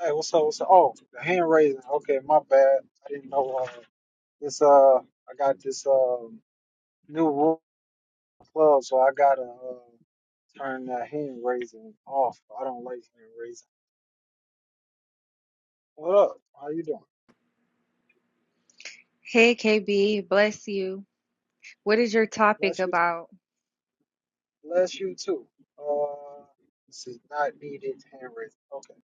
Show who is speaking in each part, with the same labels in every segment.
Speaker 1: Hey, what's up? What's up? Oh, the hand raising. Okay, my bad. I didn't know. Uh, it's uh, I got this uh new rule in the club, so I gotta uh, turn that hand raising off. I don't like hand raising. What up? How you doing?
Speaker 2: Hey KB, bless you. What is your topic
Speaker 1: Bless you.
Speaker 2: about?
Speaker 1: Bless you too. Uh, let's see. Not needed hand raising. Okay.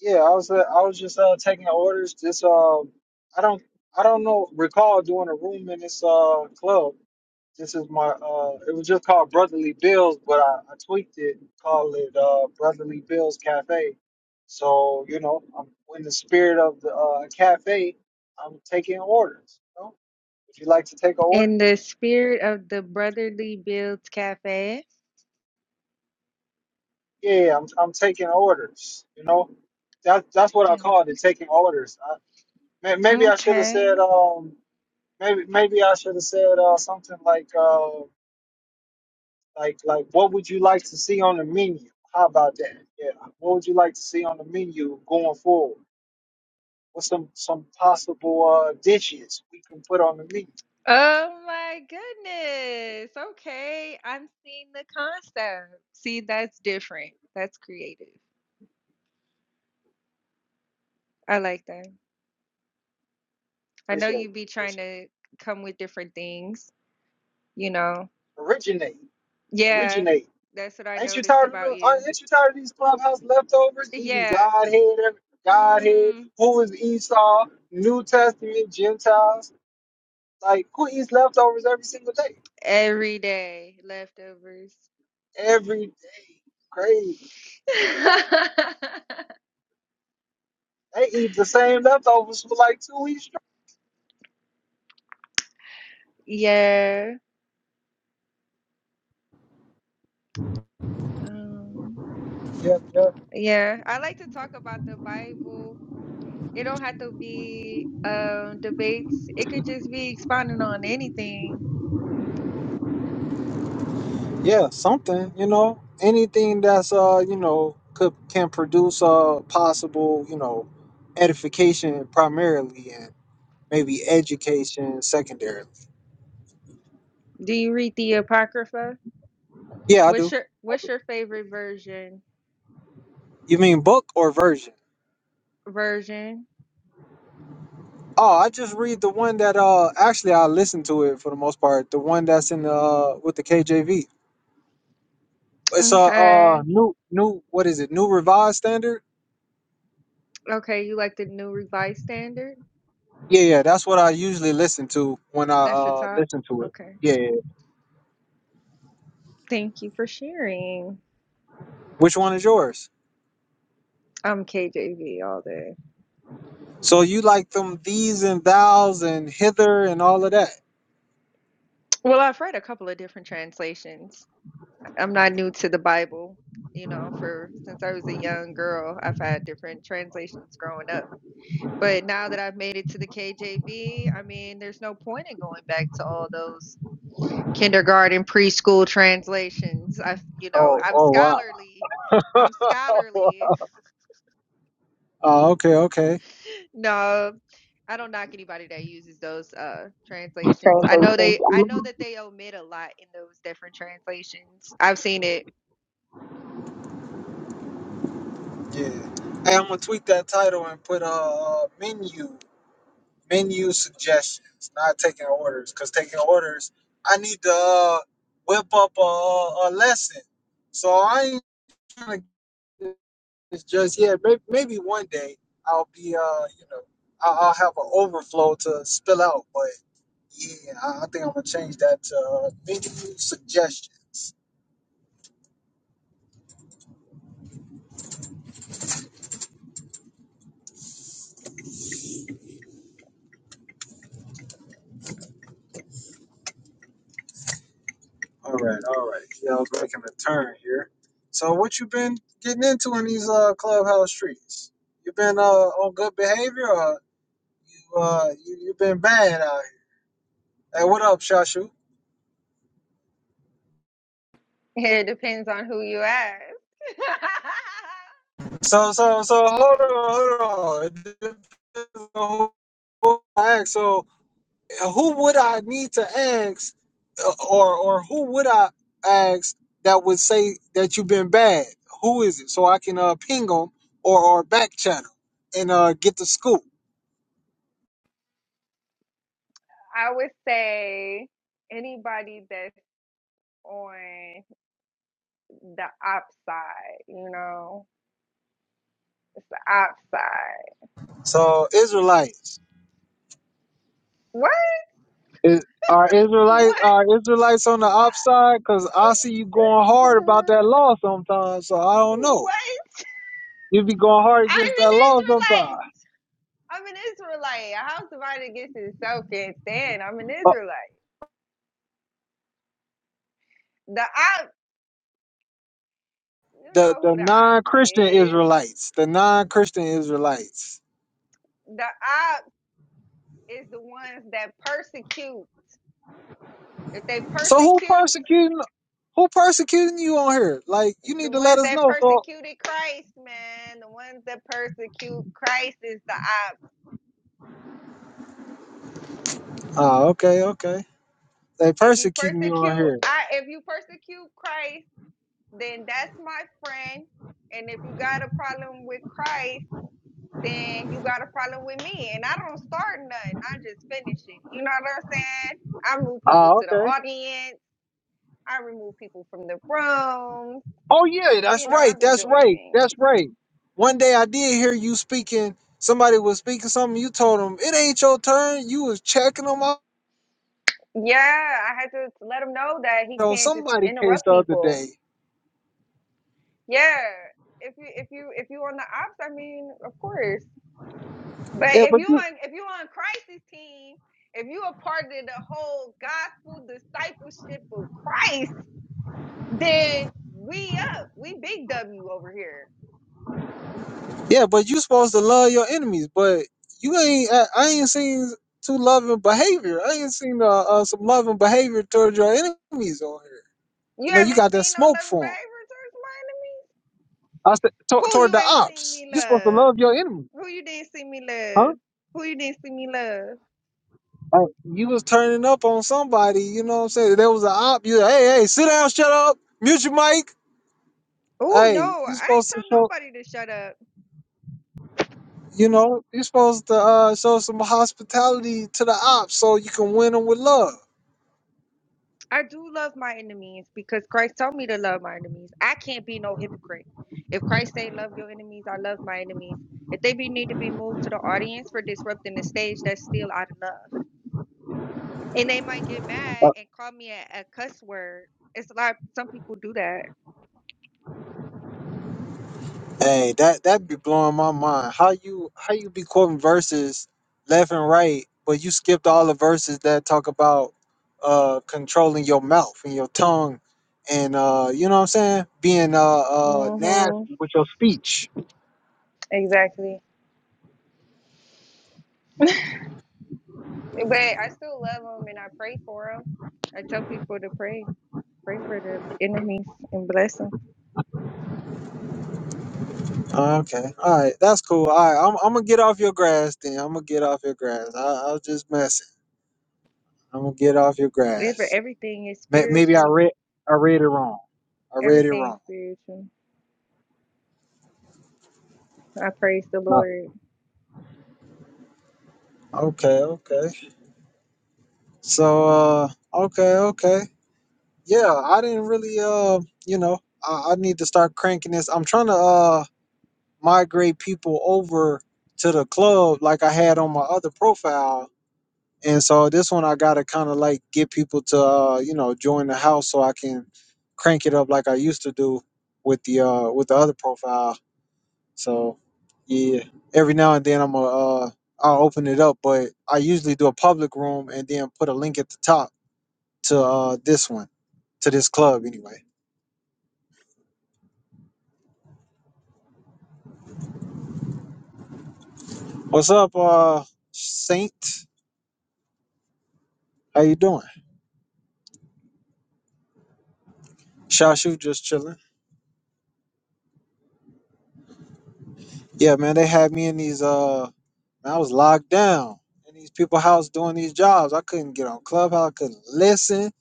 Speaker 1: Yeah, I was uh, I was just uh taking the orders. Just um, I don't I don't know recall doing a room in this uh club. This is my uh it was just called Brotherly Bills, but I, I tweaked it, and call it uh Brotherly Bills Cafe. So, you know, I'm in the spirit of the uh cafe, I'm taking orders, you know? If you like to take an order,
Speaker 2: In the spirit of the Brotherly Builds Cafe.
Speaker 1: yeah, I'm I'm taking orders, you know. That that's what I
Speaker 2: Taking
Speaker 1: called it,
Speaker 2: orders.
Speaker 1: taking orders. I, may- maybe I should have
Speaker 2: Okay.
Speaker 1: said um maybe maybe I should have said uh something like uh Like, like, what would you like to see on the menu? How about that? Yeah. What would you like to see on the menu going forward? What's some some possible uh, dishes we can put on the menu?
Speaker 2: Oh my goodness. Okay. I'm seeing the concept. See, that's different. That's creative. I like that. I know
Speaker 1: Appreciate
Speaker 2: you
Speaker 1: it.
Speaker 2: be trying
Speaker 1: Appreciate
Speaker 2: to come with different things, you know.
Speaker 1: it. Originate.
Speaker 2: Yeah.
Speaker 1: Originate.
Speaker 2: That's what I
Speaker 1: Ain't you
Speaker 2: noticed
Speaker 1: tired of
Speaker 2: about
Speaker 1: the,
Speaker 2: you.
Speaker 1: aren't- ain't you tired of these clubhouse leftovers? Eating
Speaker 2: Yeah.
Speaker 1: Godhead, every- Godhead.
Speaker 2: hmm
Speaker 1: Who is Esau? New Testament Gentiles. Like who eats leftovers every single day?
Speaker 2: Every day, leftovers.
Speaker 1: Every day. Crazy. They eat the same leftovers for like two weeks
Speaker 2: Yeah. Um,
Speaker 1: Yeah, yeah.
Speaker 2: yeah. I like to talk about the Bible. It don't have to be um debates. It could just be expounding on anything.
Speaker 1: Yeah, something, you know, anything that's uh, you know, could can produce uh possible, you know, edification primarily and maybe education secondarily.
Speaker 2: Do you read the Apocrypha?
Speaker 1: Yeah, I
Speaker 2: What's
Speaker 1: do.
Speaker 2: your what's your favorite version?
Speaker 1: You mean book or version?
Speaker 2: Version.
Speaker 1: Oh, I just read the one that uh actually I listen to it for the most part, the one that's in the uh with the KJV. It's a uh
Speaker 2: Okay.
Speaker 1: uh new new what is it? New revised standard?
Speaker 2: Okay, you like the New Revised Standard?
Speaker 1: Yeah, yeah, that's what I usually listen to when I
Speaker 2: That's your
Speaker 1: uh
Speaker 2: top.
Speaker 1: listen to it.
Speaker 2: Okay.
Speaker 1: Yeah, yeah.
Speaker 2: Thank you for sharing.
Speaker 1: Which one is yours?
Speaker 2: I'm KJV all day.
Speaker 1: So you like them these and thous and hither and all of that.
Speaker 2: Well, I've read a couple of different translations. I'm not new to the Bible, you know, for since I was a young girl, I've had different translations growing up. But now that I've made it to the KJV, I mean, there's no point in going back to all those kindergarten, preschool translations. I, you know, I'm
Speaker 1: Wow.
Speaker 2: scholarly. I'm scholarly. No, I don't knock anybody that uses those uh translations. I know
Speaker 1: Translations.
Speaker 2: they I know that they omit a lot in those different translations. I've seen it
Speaker 1: Yeah. Hey, I'm gonna tweet that title and put a uh, uh, menu menu suggestions, not taking orders, cause taking orders, I need to uh, whip up a a lesson. So I ain't trying to. It's just yeah, maybe, maybe one day I'll be uh you know I'll, I'll have an overflow to spill out, but yeah, I, I think I'm gonna change that to uh, menu suggestions. All right, all right. Yeah, I was making a turn here. So what you been getting into in these uh clubhouse streets? You been uh on good behavior or you uh you, you been bad out here? Hey, what up, Shashu?
Speaker 2: It depends on who you ask.
Speaker 1: So so so hold on, hold on. It depends on who I ask. So who would I need to ask, uh, or or who would I ask that would say that you've been bad? Who is it? So I can uh, ping them or or back channel and uh, get the scoop.
Speaker 2: I would say anybody that's on the op side, you know, the op side.
Speaker 1: So Israelites,
Speaker 2: What?
Speaker 1: is, are Israelites
Speaker 2: What?
Speaker 1: are Israelites on the
Speaker 2: What?
Speaker 1: upside? Because I see you going hard about that law sometimes. So I don't know.
Speaker 2: What?
Speaker 1: You be going hard
Speaker 2: I'm an
Speaker 1: against that law
Speaker 2: Israelite.
Speaker 1: sometimes.
Speaker 2: I'm an Israelite. A house divided against itself can't stand. I'm an
Speaker 1: Uh,
Speaker 2: Israelite. The op, you
Speaker 1: The
Speaker 2: know who
Speaker 1: the
Speaker 2: the
Speaker 1: non
Speaker 2: ops
Speaker 1: Christian
Speaker 2: is.
Speaker 1: Israelites, the non Christian Israelites.
Speaker 2: The ops is the ones that persecute. If they
Speaker 1: So who
Speaker 2: persecute
Speaker 1: persecuting? Who persecuting you on here? Like, you
Speaker 2: the
Speaker 1: need to let
Speaker 2: ones
Speaker 1: us
Speaker 2: that
Speaker 1: know. So,
Speaker 2: persecuted Christ, man, the ones that persecute Christ is the ops.
Speaker 1: oh, okay, okay. They
Speaker 2: If you
Speaker 1: persecuting you on
Speaker 2: persecute,
Speaker 1: here.
Speaker 2: I if you persecute Christ, then that's my friend. And if you got a problem with Christ, then you got a problem with me. And I don't start nothing. I just finish it. You know what I'm saying? I move people
Speaker 1: Oh,
Speaker 2: to the
Speaker 1: okay.
Speaker 2: audience. I remove people from the room.
Speaker 1: Oh, yeah, that's
Speaker 2: You know, I
Speaker 1: right.
Speaker 2: be
Speaker 1: That's
Speaker 2: doing
Speaker 1: right. That's
Speaker 2: things.
Speaker 1: right. One day I did hear you speaking. Somebody was speaking something. You told them it ain't your turn. You was checking them out
Speaker 2: Yeah, I had to let him know that he
Speaker 1: on
Speaker 2: can't just
Speaker 1: somebody case
Speaker 2: interrupt
Speaker 1: the other
Speaker 2: people.
Speaker 1: day.
Speaker 2: Yeah, if you if you if you on the ops, I mean, of course. But
Speaker 1: Yeah,
Speaker 2: if
Speaker 1: but
Speaker 2: you
Speaker 1: you,
Speaker 2: on if you on Christ's team, if you a part of the whole gospel discipleship of Christ, then we up, we big W over here.
Speaker 1: yeah, but you supposed to love your enemies, but you ain't. I, I ain't seen too loving behavior. I ain't seen uh, uh, some loving behavior towards your enemies on here.
Speaker 2: You
Speaker 1: You know, you
Speaker 2: haven't
Speaker 1: got that
Speaker 2: seen no
Speaker 1: smoke
Speaker 2: loving
Speaker 1: for them.
Speaker 2: behavior
Speaker 1: I said
Speaker 2: towards mine.
Speaker 1: to-
Speaker 2: Who
Speaker 1: toward
Speaker 2: you
Speaker 1: the
Speaker 2: ain't seen
Speaker 1: ops.
Speaker 2: me
Speaker 1: You're supposed to
Speaker 2: love?
Speaker 1: love your enemy,
Speaker 2: Who you didn't see me
Speaker 1: huh?
Speaker 2: love? Who you didn't see me love?
Speaker 1: Like you was turning up on somebody. You know what I'm saying? There was an op. You hey hey sit down, shut up, mute your mic.
Speaker 2: Oh
Speaker 1: Hey,
Speaker 2: no,
Speaker 1: you
Speaker 2: I ain't
Speaker 1: supposed
Speaker 2: tell
Speaker 1: to show.
Speaker 2: nobody to shut up.
Speaker 1: You know, you're supposed to uh, show some hospitality to the ops so you can win them with love.
Speaker 2: I do love my enemies because Christ told me to love my enemies. I can't be no hypocrite. If Christ say love your enemies, I love my enemies. If they be need to be moved to the audience for disrupting the stage, that's still out of love. And they might get mad and call me a, a cuss word. It's a lot. Some people do that.
Speaker 1: Hey, that that be blowing my mind. How you how you be quoting verses left and right, but you skipped all the verses that talk about uh controlling your mouth and your tongue and uh you know what I'm saying? Being uh uh
Speaker 2: hmm
Speaker 1: nasty with your speech.
Speaker 2: Exactly. But I still love them and I pray for them. I tell people to pray, pray for the enemies and bless them.
Speaker 1: Oh, Okay. All right, that's cool. All right, I'm I'm gonna get off your grass then. I'm gonna get off your grass. I I was just messing. I'm gonna get off your grass.
Speaker 2: Everything is
Speaker 1: May- Maybe I
Speaker 2: spiritual.
Speaker 1: read I read it wrong. I read it
Speaker 2: Everything's
Speaker 1: wrong.
Speaker 2: spiritual. I praise the
Speaker 1: Uh,
Speaker 2: Lord.
Speaker 1: Okay, okay. So uh okay, okay. Yeah, I didn't really uh you know, I, I need to start cranking this. I'm trying to uh migrate people over to the club like I had on my other profile. And so this one I gotta kinda like get people to uh, you know, join the house so I can crank it up like I used to do with the uh with the other profile. So yeah. Every now and then I'm a uh I'll open it up, but I usually do a public room and then put a link at the top to uh, this one, to this club anyway. What's up, uh, Saint? How you doing? Shashu just chilling. Yeah, man, they had me in these. Uh, man, I was locked down in these people' house doing these jobs. I couldn't get on Clubhouse. I couldn't listen,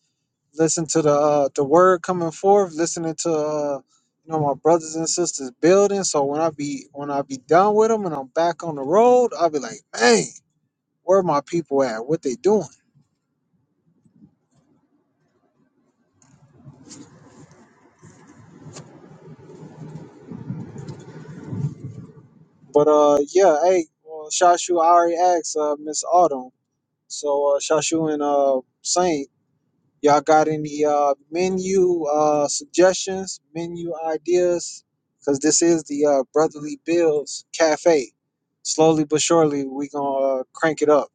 Speaker 1: listen to the uh, the word coming forth, listening to uh, you know my brothers and sisters building. So when I be when I be done with them and I'm back on the road, I'll be like, man, where my people at? What they doing? But uh, yeah, hey, well, Shashu, I already asked uh, Miss Autumn. So uh, Shashu and uh, Saint, y'all got any uh, menu uh, suggestions, menu ideas? Because this is the uh, Brotherly Bills Cafe. Slowly but surely, we gonna uh, crank it up.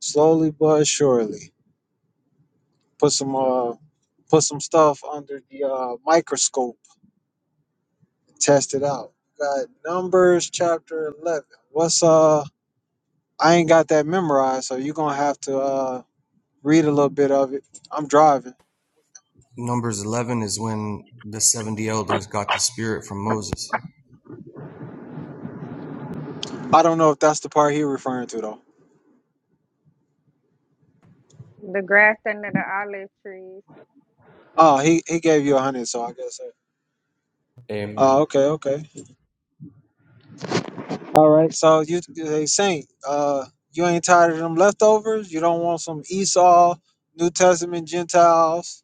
Speaker 1: Slowly but surely, put some uh, put some stuff under the uh, microscope, test it out. Got numbers chapter eleven. What's uh I ain't got that memorized, so you're gonna have to uh, read a little bit of it. I'm driving.
Speaker 3: Numbers 11 is when the 70 elders got the spirit from Moses.
Speaker 1: I don't know if that's the part he referring to though.
Speaker 2: The grass under the olive trees.
Speaker 1: Oh, he he gave you a hundred, so I guess. that-
Speaker 3: Amen.
Speaker 1: Oh, okay, okay. Right. So you they saying uh, you ain't tired of them leftovers. You don't want some Esau, New Testament Gentiles,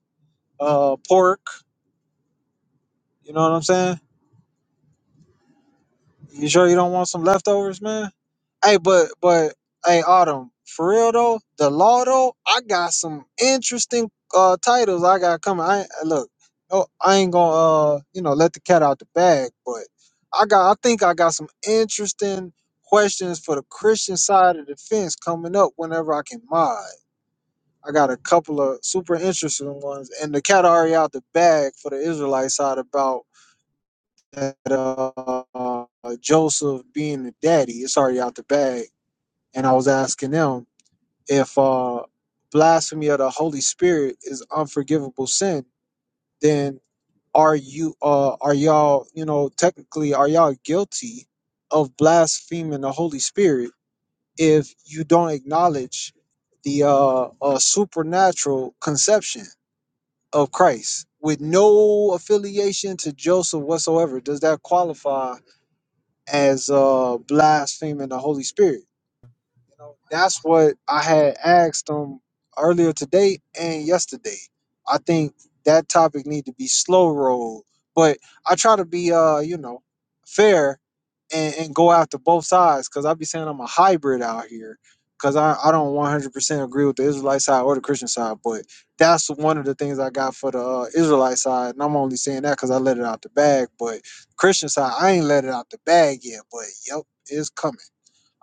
Speaker 1: uh, pork. You know what I'm saying? You sure you don't want some leftovers, man? Hey, but but hey, Autumn, for real though, the law though, I got some interesting uh titles I got coming. I ain't- look, no, I ain't gonna uh you know let the cat out the bag, but I got I think I got some interesting questions for the Christian side of the fence coming up whenever I can mod. I got a couple of super interesting ones, and the cat already out the bag for the Israelite side about that uh, uh, Joseph being the daddy. It's already out the bag and I was asking them if uh, blasphemy of the Holy Spirit is unforgivable sin, then are you uh, are y'all you know technically are y'all guilty of blaspheming the Holy Spirit if you don't acknowledge the uh, uh, supernatural conception of Christ with no affiliation to Joseph whatsoever? Does that qualify as uh, blaspheming the Holy Spirit? That's what I had asked him earlier today and yesterday. I think that topic need to be slow rolled, but I try to be uh, you know, fair and, and go after both sides because I be saying I'm a hybrid out here because I, I don't 100% agree with the Israelite side or the Christian side, but that's one of the things I got for the uh, Israelite side. And I'm only saying that because I let it out the bag, but Christian side, I ain't let it out the bag yet, but yep, it's coming.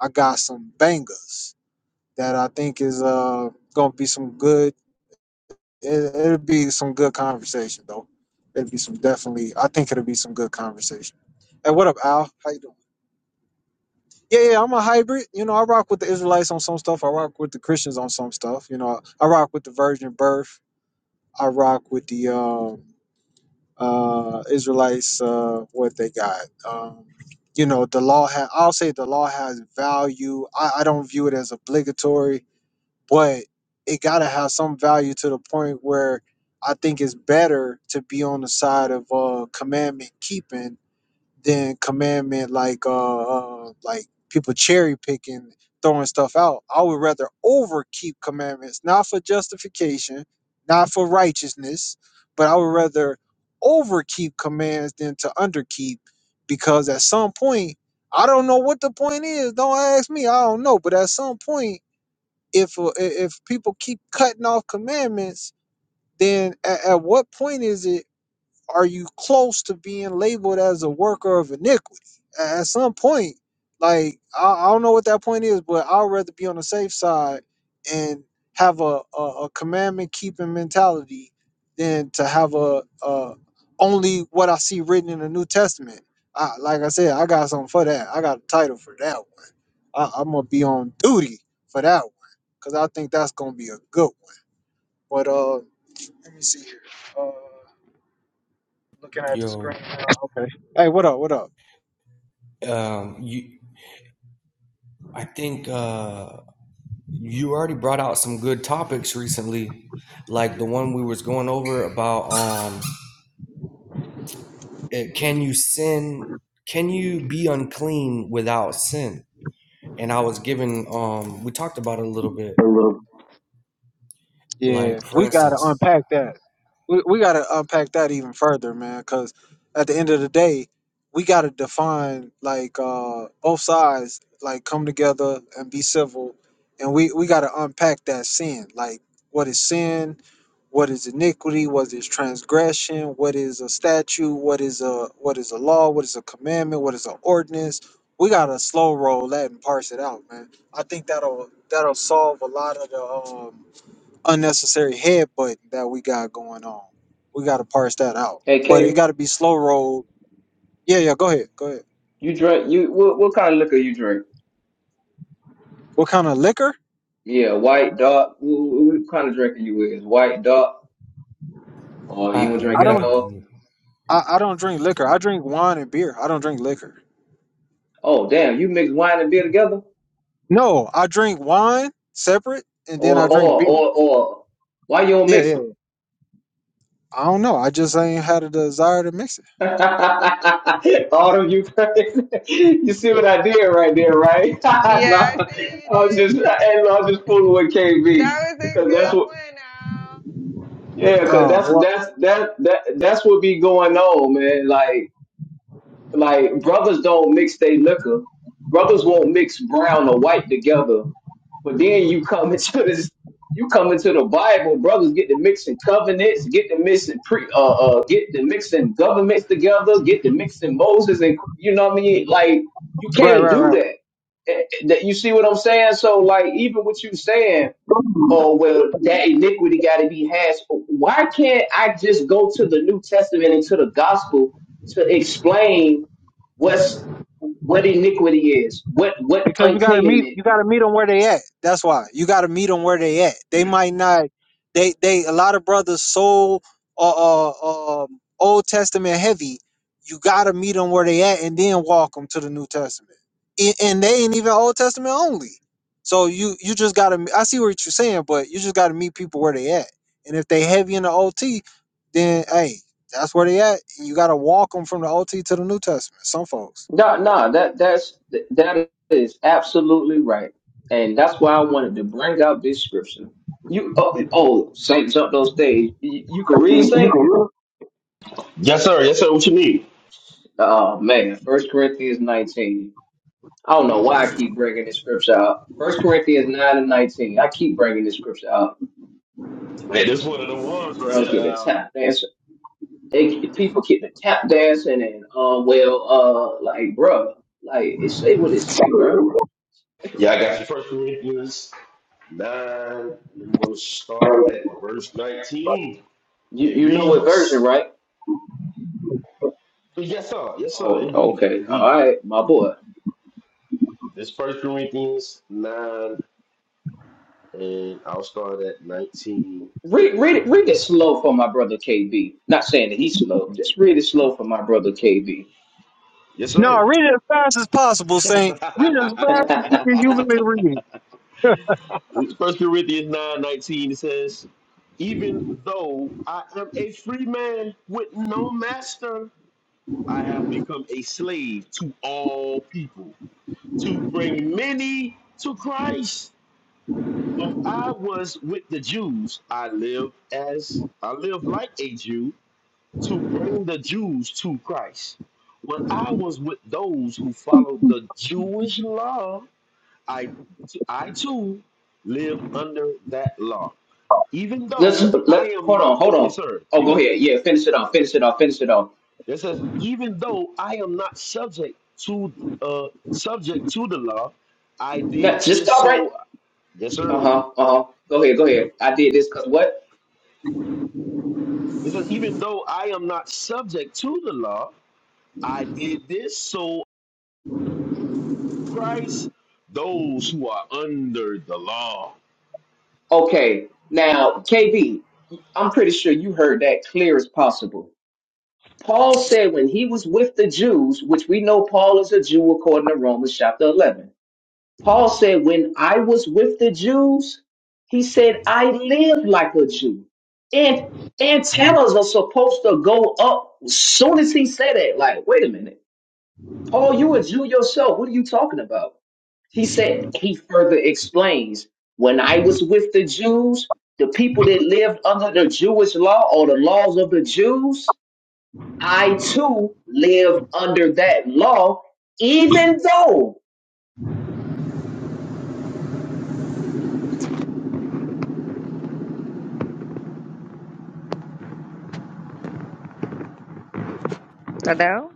Speaker 1: I got some bangers that I think is uh gonna be some good. It, it'll be some good conversation though. It'll be some definitely. I think it'll be some good conversation. hey what up, Al? How you doing? Yeah, yeah, I'm a hybrid. You know, I rock with the Israelites on some stuff. I rock with the Christians on some stuff. You know, I rock with the virgin birth. I rock with the um, uh, Israelites. Uh, what they got? Um, you know, the law. Ha- I'll say the law has value. I, I don't view it as obligatory but it got to have some value to the point where I think it's better to be on the side of uh, commandment keeping than commandment like uh, uh like people cherry picking throwing stuff out. I would rather overkeep commandments, not for justification, not for righteousness, but I would rather overkeep commands than to underkeep because at some point I don't know what the point is. Don't ask me. I don't know. But at some point, if uh, if people keep cutting off commandments, then at, at what point is it are you close to being labeled as a worker of iniquity? A- At some point, like I, I don't know what that point is, but I'd rather be on the safe side and have a, a, a commandment keeping mentality than to have a, a only what I see written in the New Testament. I, like I said, I got something for that. I got a title for that one. I, I'm gonna be on duty for that one because I think that's gonna be a good one. But uh, let me see here. Uh, looking at the screen.
Speaker 3: Yo,
Speaker 1: Now. Okay. Hey, what up? What up?
Speaker 3: um, you, I think uh, you already brought out some good topics recently, like the one we was going over about um, eh, can you sin? Can you be unclean without sin? And I was given, um, we talked about it a little bit,
Speaker 1: A little. Yeah,
Speaker 3: like for
Speaker 1: we gotta
Speaker 3: instance,
Speaker 1: unpack that. We we gotta unpack that even further, man. Because at the end of the day, we gotta define like uh both sides like come together and be civil, and we we gotta unpack that sin. Like what is sin? what is iniquity what is transgression what is a statute what is a what is a law what is a commandment what is an ordinance we gotta slow roll that and parse it out man i think that'll that'll solve a lot of the um, unnecessary headbutt that we got going on we gotta parse that out
Speaker 4: Hey,
Speaker 1: but it
Speaker 4: Kate,
Speaker 1: gotta be slow roll yeah yeah go ahead go ahead
Speaker 4: you drink you what, what kind of liquor you drink?
Speaker 1: what kind of liquor
Speaker 4: Yeah, white, dark. What, what kind of drink are you with? Is White, dark, or
Speaker 3: I,
Speaker 4: you don't
Speaker 3: I
Speaker 4: drink
Speaker 1: i
Speaker 4: at
Speaker 3: neither.
Speaker 1: don't
Speaker 4: all?
Speaker 1: I, I don't drink liquor i drink wine and beer i don't drink liquor
Speaker 4: Oh, damn, you mix wine and beer together?
Speaker 1: no i drink wine separate and then
Speaker 4: Or
Speaker 1: i drink
Speaker 4: or
Speaker 1: beer
Speaker 4: or or why you don't
Speaker 1: yeah
Speaker 4: mix
Speaker 1: yeah
Speaker 4: it?
Speaker 1: I don't know. I just ain't had a desire to mix it.
Speaker 4: Autumn, you crazy? You see what I did right there, right? no,
Speaker 2: Yeah, I see what
Speaker 4: I
Speaker 2: you
Speaker 4: was just
Speaker 2: did.
Speaker 4: I, I was just fooling with
Speaker 2: that
Speaker 4: KB
Speaker 2: was a
Speaker 4: because
Speaker 2: good
Speaker 4: that's what
Speaker 2: one,
Speaker 4: yeah, because
Speaker 1: Oh,
Speaker 4: that's
Speaker 1: well,
Speaker 4: that's that that that's what be going on, man. Like. Like brothers don't mix they liquor. Brothers won't mix brown or white together. But then you come into this, you come into the Bible. Brothers get to mixing covenants, get to mixing pre, uh, uh, get to mixing governments together, get to mixing Moses and you know what I mean. Like you
Speaker 1: right,
Speaker 4: can't
Speaker 1: right, right.
Speaker 4: do that. Eh, eh, That you see what I'm saying? So like even what you saying oh well that iniquity got to be hashed why can't i just go to the new testament and to the gospel to explain what's what iniquity is what what
Speaker 1: because you gotta meet
Speaker 4: uncleanness
Speaker 1: you
Speaker 4: is?
Speaker 1: gotta meet them where they at. That's why you gotta meet them where they at. They might not. They they a lot of brothers so uh, uh um Old Testament heavy. You gotta meet them where they at and then walk them to the New Testament. And, and they ain't even Old Testament only. So you you just gotta. I see what you're saying, but you just gotta meet people where they at. And if they heavy in the OT, then hey, that's where they at. And you gotta walk them from the OT to the New Testament. Some folks.
Speaker 4: no no that that's that is absolutely right and that's why i wanted to bring out this scripture you oh, oh saint jumped on stage you, you can read
Speaker 1: You, you
Speaker 4: saint
Speaker 1: can.
Speaker 5: Yes, sir. Yes, sir. What you need?
Speaker 4: oh man first corinthians 19 I don't know why I keep bringing this scripture up. First Corinthians nine and nineteen. I keep bringing this scripture up.
Speaker 5: Hey, this one of the ones right
Speaker 4: Girls get
Speaker 5: here.
Speaker 4: the
Speaker 5: Um,
Speaker 4: tap dancing. They people get the tap dancing and uh well uh like bro, like it say what it say bro.
Speaker 5: yeah, I got you. First Corinthians nine. I'm going to start at verse nineteen.
Speaker 4: You
Speaker 5: It
Speaker 4: you know what version
Speaker 5: reads,
Speaker 4: right?
Speaker 5: "Yes, sir. Yes, sir.
Speaker 4: Oh
Speaker 5: Indeed,
Speaker 4: okay
Speaker 5: indeed."
Speaker 4: all right my boy.
Speaker 5: This First Corinthians nine, and I'll start at nineteen.
Speaker 4: Read read it read it slow for my brother KB. Not saying that he's slow. Just read it slow for my brother KB.
Speaker 5: Yes,
Speaker 1: No,
Speaker 5: sir.
Speaker 1: read it as fast as possible, saying, read it as fast as you can humanly read.
Speaker 5: First Corinthians nine nineteen. It says, "Even though I am a free man with no master." I have become a slave to all people to bring many to Christ. When I was with the Jews, I lived as I lived like a Jew to bring the Jews to Christ. When I was with those who followed the Jewish law, I I too lived under that law. Even
Speaker 4: Let's
Speaker 5: though I
Speaker 4: let hold
Speaker 5: am
Speaker 4: on hold
Speaker 5: yes
Speaker 4: on.
Speaker 5: sir,
Speaker 4: Oh
Speaker 5: you got
Speaker 4: go
Speaker 5: it.
Speaker 4: ahead yeah finish it off finish it off finish it off.
Speaker 5: It says, even though I am not subject to uh subject to the law, I
Speaker 4: Now,
Speaker 5: did
Speaker 4: just
Speaker 5: this
Speaker 4: stop right
Speaker 5: so yes
Speaker 4: Uh
Speaker 5: sir.
Speaker 4: huh. Uh huh. Go ahead. Go ahead. I did this because what?
Speaker 5: It says, even though I am not subject to the law, I did this so Christ those who are under the law.
Speaker 4: Okay. Now, KB, I'm pretty sure you heard that clear as possible. Paul said when he was with the Jews, which we know Paul is a Jew according to Romans chapter 11. Paul said, When I was with the Jews, he said, I lived like a Jew. And antennas are supposed to go up as soon as he said it. Like, wait a minute. Paul, you a Jew yourself. What are you talking about? He said, he further explains, when I was with the Jews, the people that lived under the Jewish law or the laws of the Jews, I too lived under that law, even though.
Speaker 2: Al. Hello?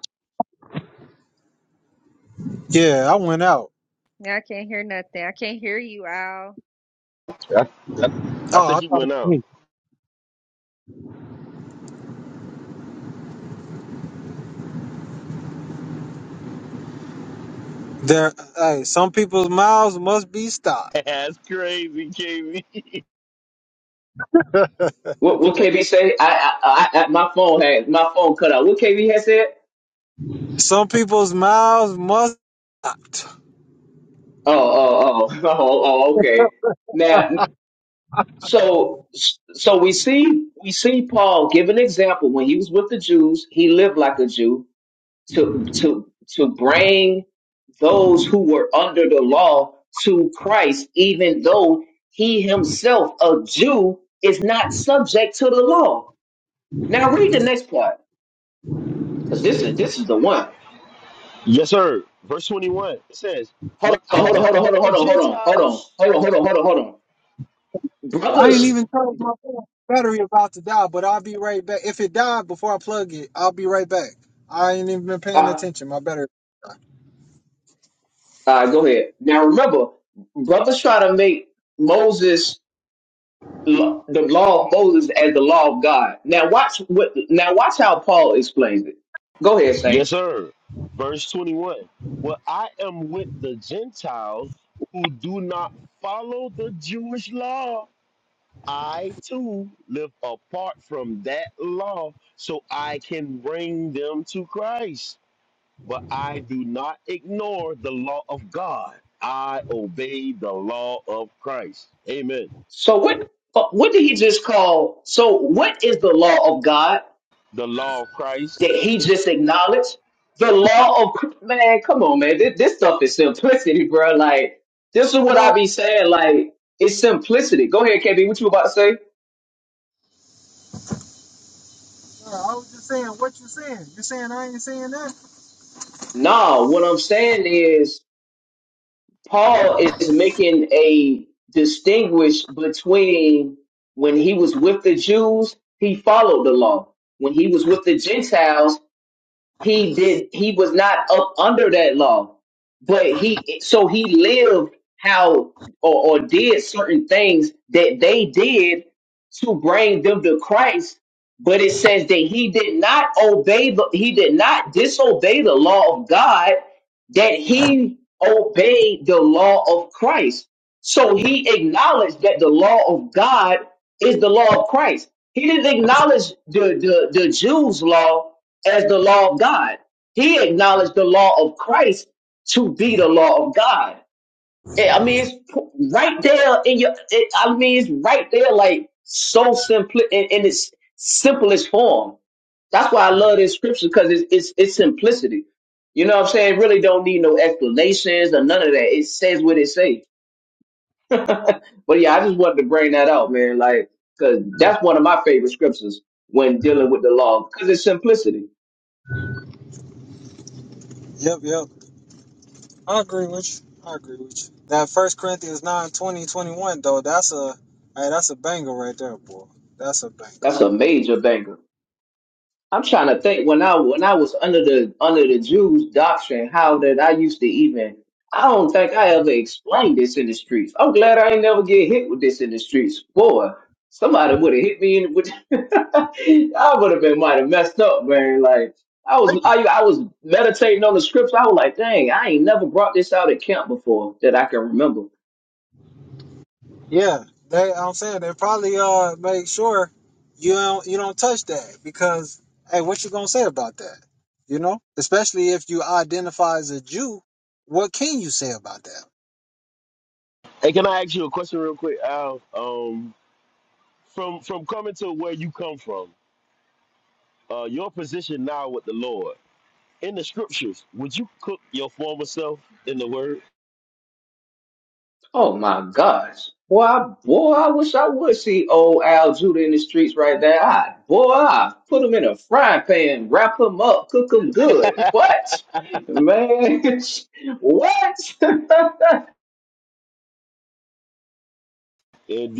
Speaker 1: Yeah, I went out.
Speaker 2: Yeah, I can't hear nothing. I can't hear you, Al.
Speaker 5: I, I, I
Speaker 1: Oh,
Speaker 5: think
Speaker 1: I
Speaker 5: he
Speaker 1: thought
Speaker 5: went
Speaker 1: it was
Speaker 5: out.
Speaker 1: me. There, hey, some people's mouths must be stopped.
Speaker 5: That's crazy, KB.
Speaker 4: What, what KB say? I, I, I, I, my phone had, my phone cut out. What KB had said?
Speaker 1: Some people's mouths must be stopped.
Speaker 4: Oh, oh, oh, oh, oh, okay. Now, so, so we see, we see Paul give an example. When he was with the Jews, he lived like a Jew to to to bring those who were under the law to Christ, even though he himself, a Jew, is not subject to the law. Now read the next part, because this is this is the one.
Speaker 5: Yes, sir. Verse 21 it says, When
Speaker 4: Hold on,
Speaker 5: I
Speaker 4: hold on, hold
Speaker 5: am
Speaker 4: on, hold
Speaker 5: with
Speaker 4: on,
Speaker 5: the
Speaker 4: hold on, hold on, hold
Speaker 5: Gentiles,
Speaker 4: on, hold on, hold on, hold on, hold on.
Speaker 5: yes,
Speaker 1: I ain't
Speaker 4: Brothers,
Speaker 5: sir.
Speaker 1: even charged my phone. battery about to die, but I'll be right back. If it died before I plug it, I'll be right back. I ain't even been paying
Speaker 4: uh,
Speaker 1: attention. My battery.
Speaker 4: uh, go ahead. Now remember, brothers try to make Moses lo- the law of Moses as the law of God. Now watch what. Now watch how Paul explains it. Go ahead, Saint.
Speaker 5: Yes, sir. Verse 21. Well, I am with the Gentiles who do not follow the Jewish law. I too live apart from that law, so I can bring them to Christ. But I do not ignore the law of God. I obey the law of Christ. Amen.
Speaker 4: So what uh, what did he just call? So what is the law of God
Speaker 5: The law of Christ.
Speaker 4: that he just acknowledged? The law of man, come on, man. This, this stuff is simplicity, bro. Like this is what
Speaker 1: Man,
Speaker 4: I be saying. Like it's simplicity. Go ahead, KB. What you about to say?
Speaker 1: I was just saying what you saying. You saying I ain't saying that?
Speaker 4: Nah, what I'm saying is Paul is making a distinguish between when he was with the Jews, he followed the law. When he was with the Gentiles, he did he was not up under that law but he so he lived how or, or did certain things that they did to bring them to christ but it says that he did not obey the he did not disobey the law of god that he obeyed the law of christ so he acknowledged that the law of God is the law of Christ. He didn't acknowledge the, the, the Jews' law as the law of God. He acknowledged the law of Christ to be the law of God. Eh, I mean, it's p- right there in your, it, I mean, it's right there, like so simple in, in its simplest form. That's why I love this scripture because it's, it's, it's simplicity. You know what I'm saying? Really don't need no explanations or none of that. It says what it says. But yeah, I just wanted to bring that out, man. Like, cause that's one of my favorite scriptures when dealing with the law, cause it's simplicity.
Speaker 1: Yep, yep. I agree with you. I agree with you. That First Corinthians 9 20 21 though, that's a hey, that's a banger right there, boy. That's a banger.
Speaker 4: That's a major banger. I'm trying to think when I when I was under the under the Jews doctrine, how that I used to even I don't think I ever explained this in the streets. I'm glad I ain't never get hit with this in the streets. Boy, somebody would have hit me in with I would have been might have messed up, man. Like I was
Speaker 1: Thank you.
Speaker 4: I I was meditating on the scripts. I was like, dang, I ain't never brought this out at camp before that I can remember.
Speaker 1: Yeah, they. I'm saying they probably uh make sure you don't you don't touch that because hey, what you gonna say about that? You know, especially if you identify as a Jew, what can you say about that?
Speaker 5: Hey, can I ask you a question real quick, Al? Um, from from coming to where you come from. uh, your position now with the Lord in the scriptures, would you cook your former self in the word?
Speaker 4: Oh my gosh. Boy, I, boy, I wish I would see old Al Judah in the streets right there. I, boy, I put him in a frying pan, wrap him up, cook him good. What? Man, what?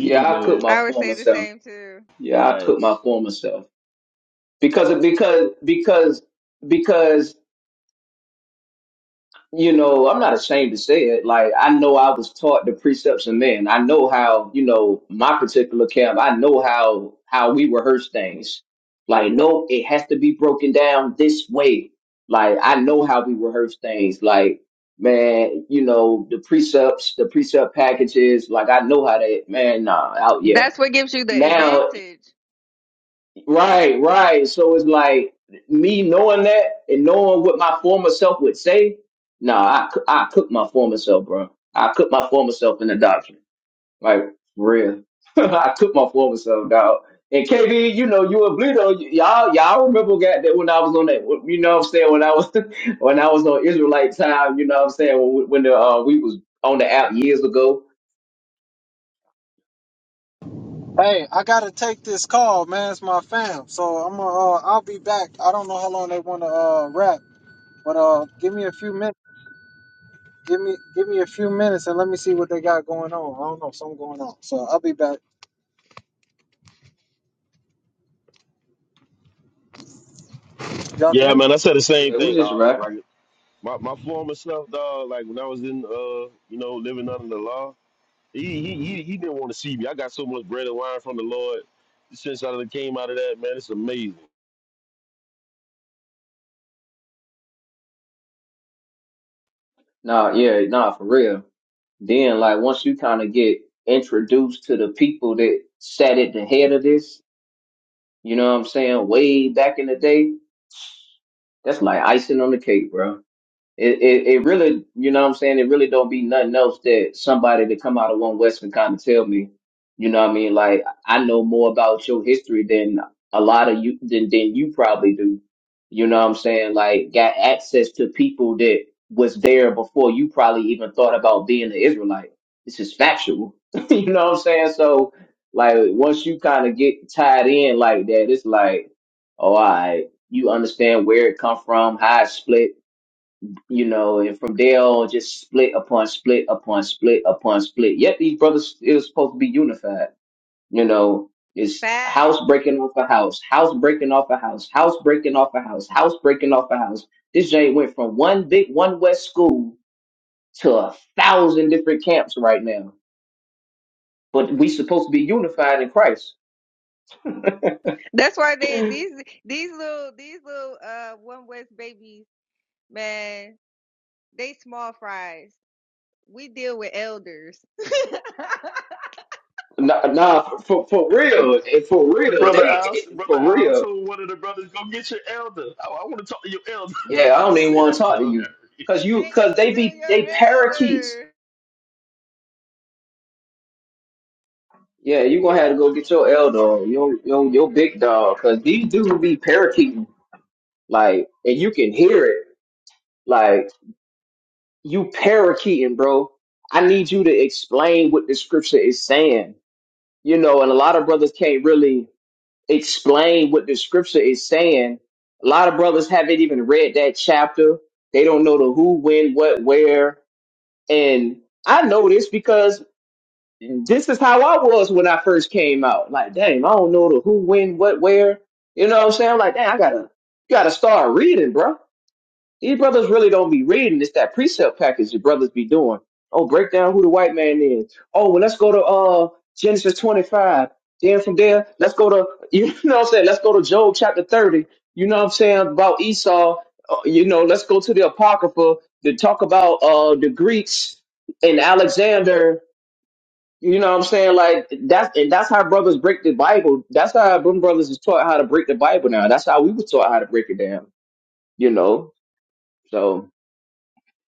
Speaker 4: yeah, I cook
Speaker 5: man.
Speaker 4: my
Speaker 2: I would say
Speaker 4: former
Speaker 2: the
Speaker 4: self.
Speaker 2: same too.
Speaker 4: Yeah, I cook my
Speaker 5: Facts.
Speaker 4: former self. Because, because, because, because you know, I'm not ashamed to say it. Like, I know I was taught the precepts of men. I know how, you know, my particular camp, I know how how we rehearse things. Like, no, it has to be broken down this way. Like, I know how we rehearse things. Like, man, you know, the precepts, the precept packages, like I know how that man, nah, out yeah.
Speaker 2: That's what gives you the
Speaker 4: Now
Speaker 2: advantage.
Speaker 4: Right, right. So it's like me knowing that and knowing what my former self would say. Nah, I cou- I cook my former self, bro. I cook my former self in the doctrine. Like for real, I cook my former self, dog. And KB, you know you a bleeder. Y- Y'all, y'all remember got that when I was on that. You know what I'm saying when I was when I was on Israelite time. You know what I'm saying when, when the uh, we was on the app years ago.
Speaker 1: Hey, I gotta take this call, man. It's my fam, so I'm uh, I'll be back. I don't know how long they wanna uh rap, but uh, give me a few minutes. Give me give me a few minutes and let me see what they got going on. I don't know, something going on. So I'll be back. Y'all can
Speaker 5: Yeah,
Speaker 1: hear me.
Speaker 5: man, I said the same
Speaker 4: Yeah, we
Speaker 5: thing.
Speaker 4: just
Speaker 5: Uh,
Speaker 4: rapping.
Speaker 5: like my, my former self, dog, like when I was in uh, you know, living under the law, he he he, he didn't want to see me. I got so much bread and wine from the Lord since I done came out of that, man. It's amazing.
Speaker 4: Nah, yeah, nah, for real. Then, like, once you kind of get introduced to the people that sat at the head of this, you know what I'm saying, way back in the day, that's like icing on the cake, bro. It, it it really, you know what I'm saying? It really don't be nothing else that somebody that come out of one Western kind of tell me. You know what I mean? Like I know more about your history than a lot of you than than you probably do. You know what I'm saying? Like got access to people that was there before you probably even thought about being an Israelite. This is factual. you know what I'm saying? So like once you kind of get tied in like that, it's like, oh, all right, you understand where it come from, how it split you know, and from there on, just split upon split upon split upon split. Yet these brothers it was supposed to be unified. You know, it's
Speaker 2: Facts.
Speaker 4: house breaking off a house, house breaking off a house, house breaking off a house, house breaking off a house. This Jay went from one big one West school to a thousand different camps right now. But we supposed to be unified in Christ.
Speaker 2: That's why they these these little these little uh one west babies, man, they small fries. We deal with elders. Take
Speaker 4: Nah, nah for, for real, eh, for real,
Speaker 5: Brother
Speaker 4: they
Speaker 5: Al,
Speaker 4: eh,
Speaker 5: brother
Speaker 4: for
Speaker 5: Al
Speaker 4: real.
Speaker 5: told one of the brothers, go get your elder. I, I want to talk to your elder.
Speaker 4: Yeah, I
Speaker 5: I
Speaker 4: don't even
Speaker 5: said,
Speaker 4: want to
Speaker 5: that's
Speaker 4: talk to
Speaker 5: hilarious.
Speaker 4: you, cause you, cause
Speaker 2: me
Speaker 4: they
Speaker 2: to
Speaker 4: be
Speaker 2: your
Speaker 4: they parakeets.
Speaker 2: elder.
Speaker 4: Yeah, you gonna have to go get your L dog, your your your big dog, cause these dudes be parakeeting, like, and you can hear it, like you parakeeting, bro. I need you to explain what the scripture is saying, you know. And a lot of brothers can't really explain what the scripture is saying. A lot of brothers haven't even read that chapter. They don't know the who, when, what, where. And I know this because And this is how I was when I first came out. Like, dang, I don't know the who, when, what, where. You know what I'm saying? I'm like, dang, I gotta gotta start reading, bro. These brothers really don't be reading. It's that precept package your brothers be doing. Oh, break down who the white man is. Oh, well, let's go to uh Genesis 25. Then from there, let's go to you know what I'm saying. Let's go to Job chapter 30. You know what I'm saying about Esau. Uh, you know, let's go to the Apocrypha to talk about uh the Greeks and Alexander you know what I'm saying? Like that's and that's how brothers break the Bible. That's how them brothers is taught how to break the Bible now. That's how we were taught how to break it down. You know? So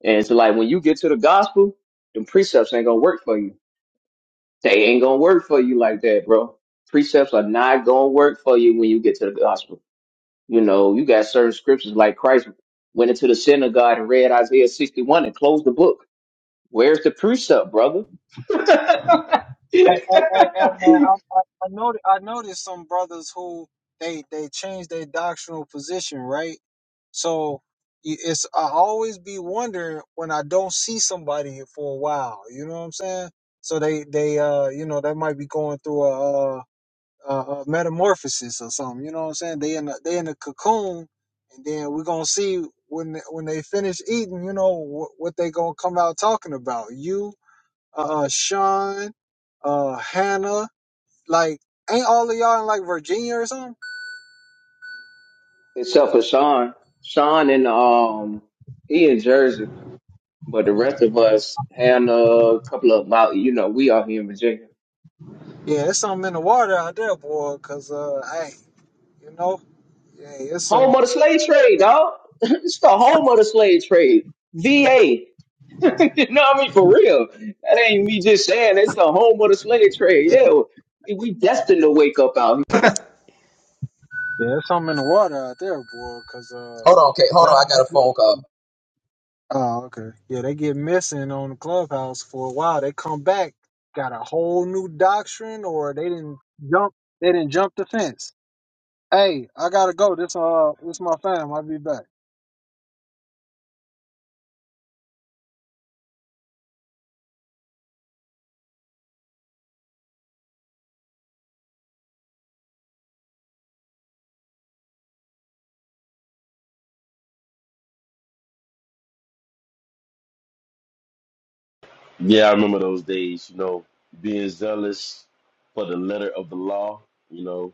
Speaker 4: and so like when you get to the gospel, them precepts ain't gonna work for you. They ain't gonna work for you like that, bro. Precepts are not gonna work for you when you get to the gospel. You know, you got certain scriptures like Christ went into the synagogue and read Isaiah 61 and closed the book. Where's the precept, brother?
Speaker 1: Hey, hey, hey, hey man, I, I, I noticed I noticed some brothers who they they changed their doctrinal position, right? So y- it's I always be wondering when I don't see somebody for a while. You know what I'm saying? So they they uh you know they might be going through a uh, uh, uh, metamorphosis or something. You know what I'm saying? They in the, they in the cocoon, and then we're gonna see when when they finish eating. You know wh- what they gonna come out talking about? You, uh, Sean, uh, Hannah. Like, ain't all of y'all in like Virginia or something?
Speaker 4: except for Sean. Sean and um he in Jersey, but the rest of us had a couple of about you know we are here in Virginia,
Speaker 1: Yeah, it's something in the water out there, boy. Cause uh, hey, you know, yeah, it's
Speaker 4: home of
Speaker 1: some
Speaker 4: the slave trade, dog. it's the home of the slave trade. VA, you know what I mean for real. That ain't me just saying. It's the home of the slave trade.
Speaker 1: yeah,
Speaker 4: Yeah, we we destined to wake up out here.
Speaker 1: yeah, it's something in the water out there, boy. Cause uh,
Speaker 4: Hold on, Kate. Hold on. I got
Speaker 1: y'all.
Speaker 4: a phone call.
Speaker 1: Oh, okay. Yeah, they get missing on the clubhouse for a while. They come back, got a whole new doctrine, or they didn't jump. They didn't jump the fence. Hey, I gotta go. This uh, this my fam. I'll be back.
Speaker 5: Yeah, I remember those days, you know, being zealous for the letter of the law, you know,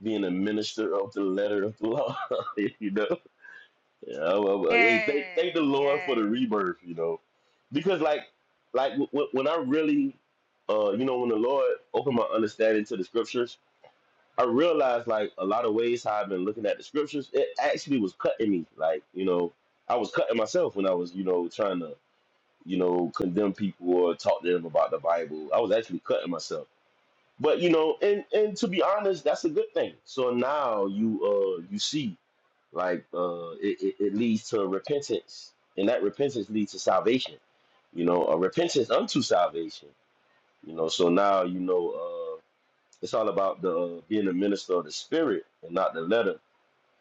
Speaker 5: being a minister of the letter of the law, you know. Yeah, well, well, hey, thank, thank the
Speaker 2: Man,
Speaker 5: Lord for the
Speaker 2: yes,
Speaker 5: rebirth, you know, because like, like w- w- when I really, uh, you know, when the Lord opened my understanding to the scriptures, I realized like a lot of ways how I've been looking at the scriptures, it actually was cutting me, like, you know, I was cutting myself when I was, you know, trying to you know, condemn people or talk to them about the Bible. I was actually cutting myself. But you know, and and to be honest, that's a good thing. So now you uh you see like uh it, it, it leads to repentance and that repentance leads to salvation you know a repentance unto salvation you know so now you know uh it's all about the uh, being a minister of the spirit and not the letter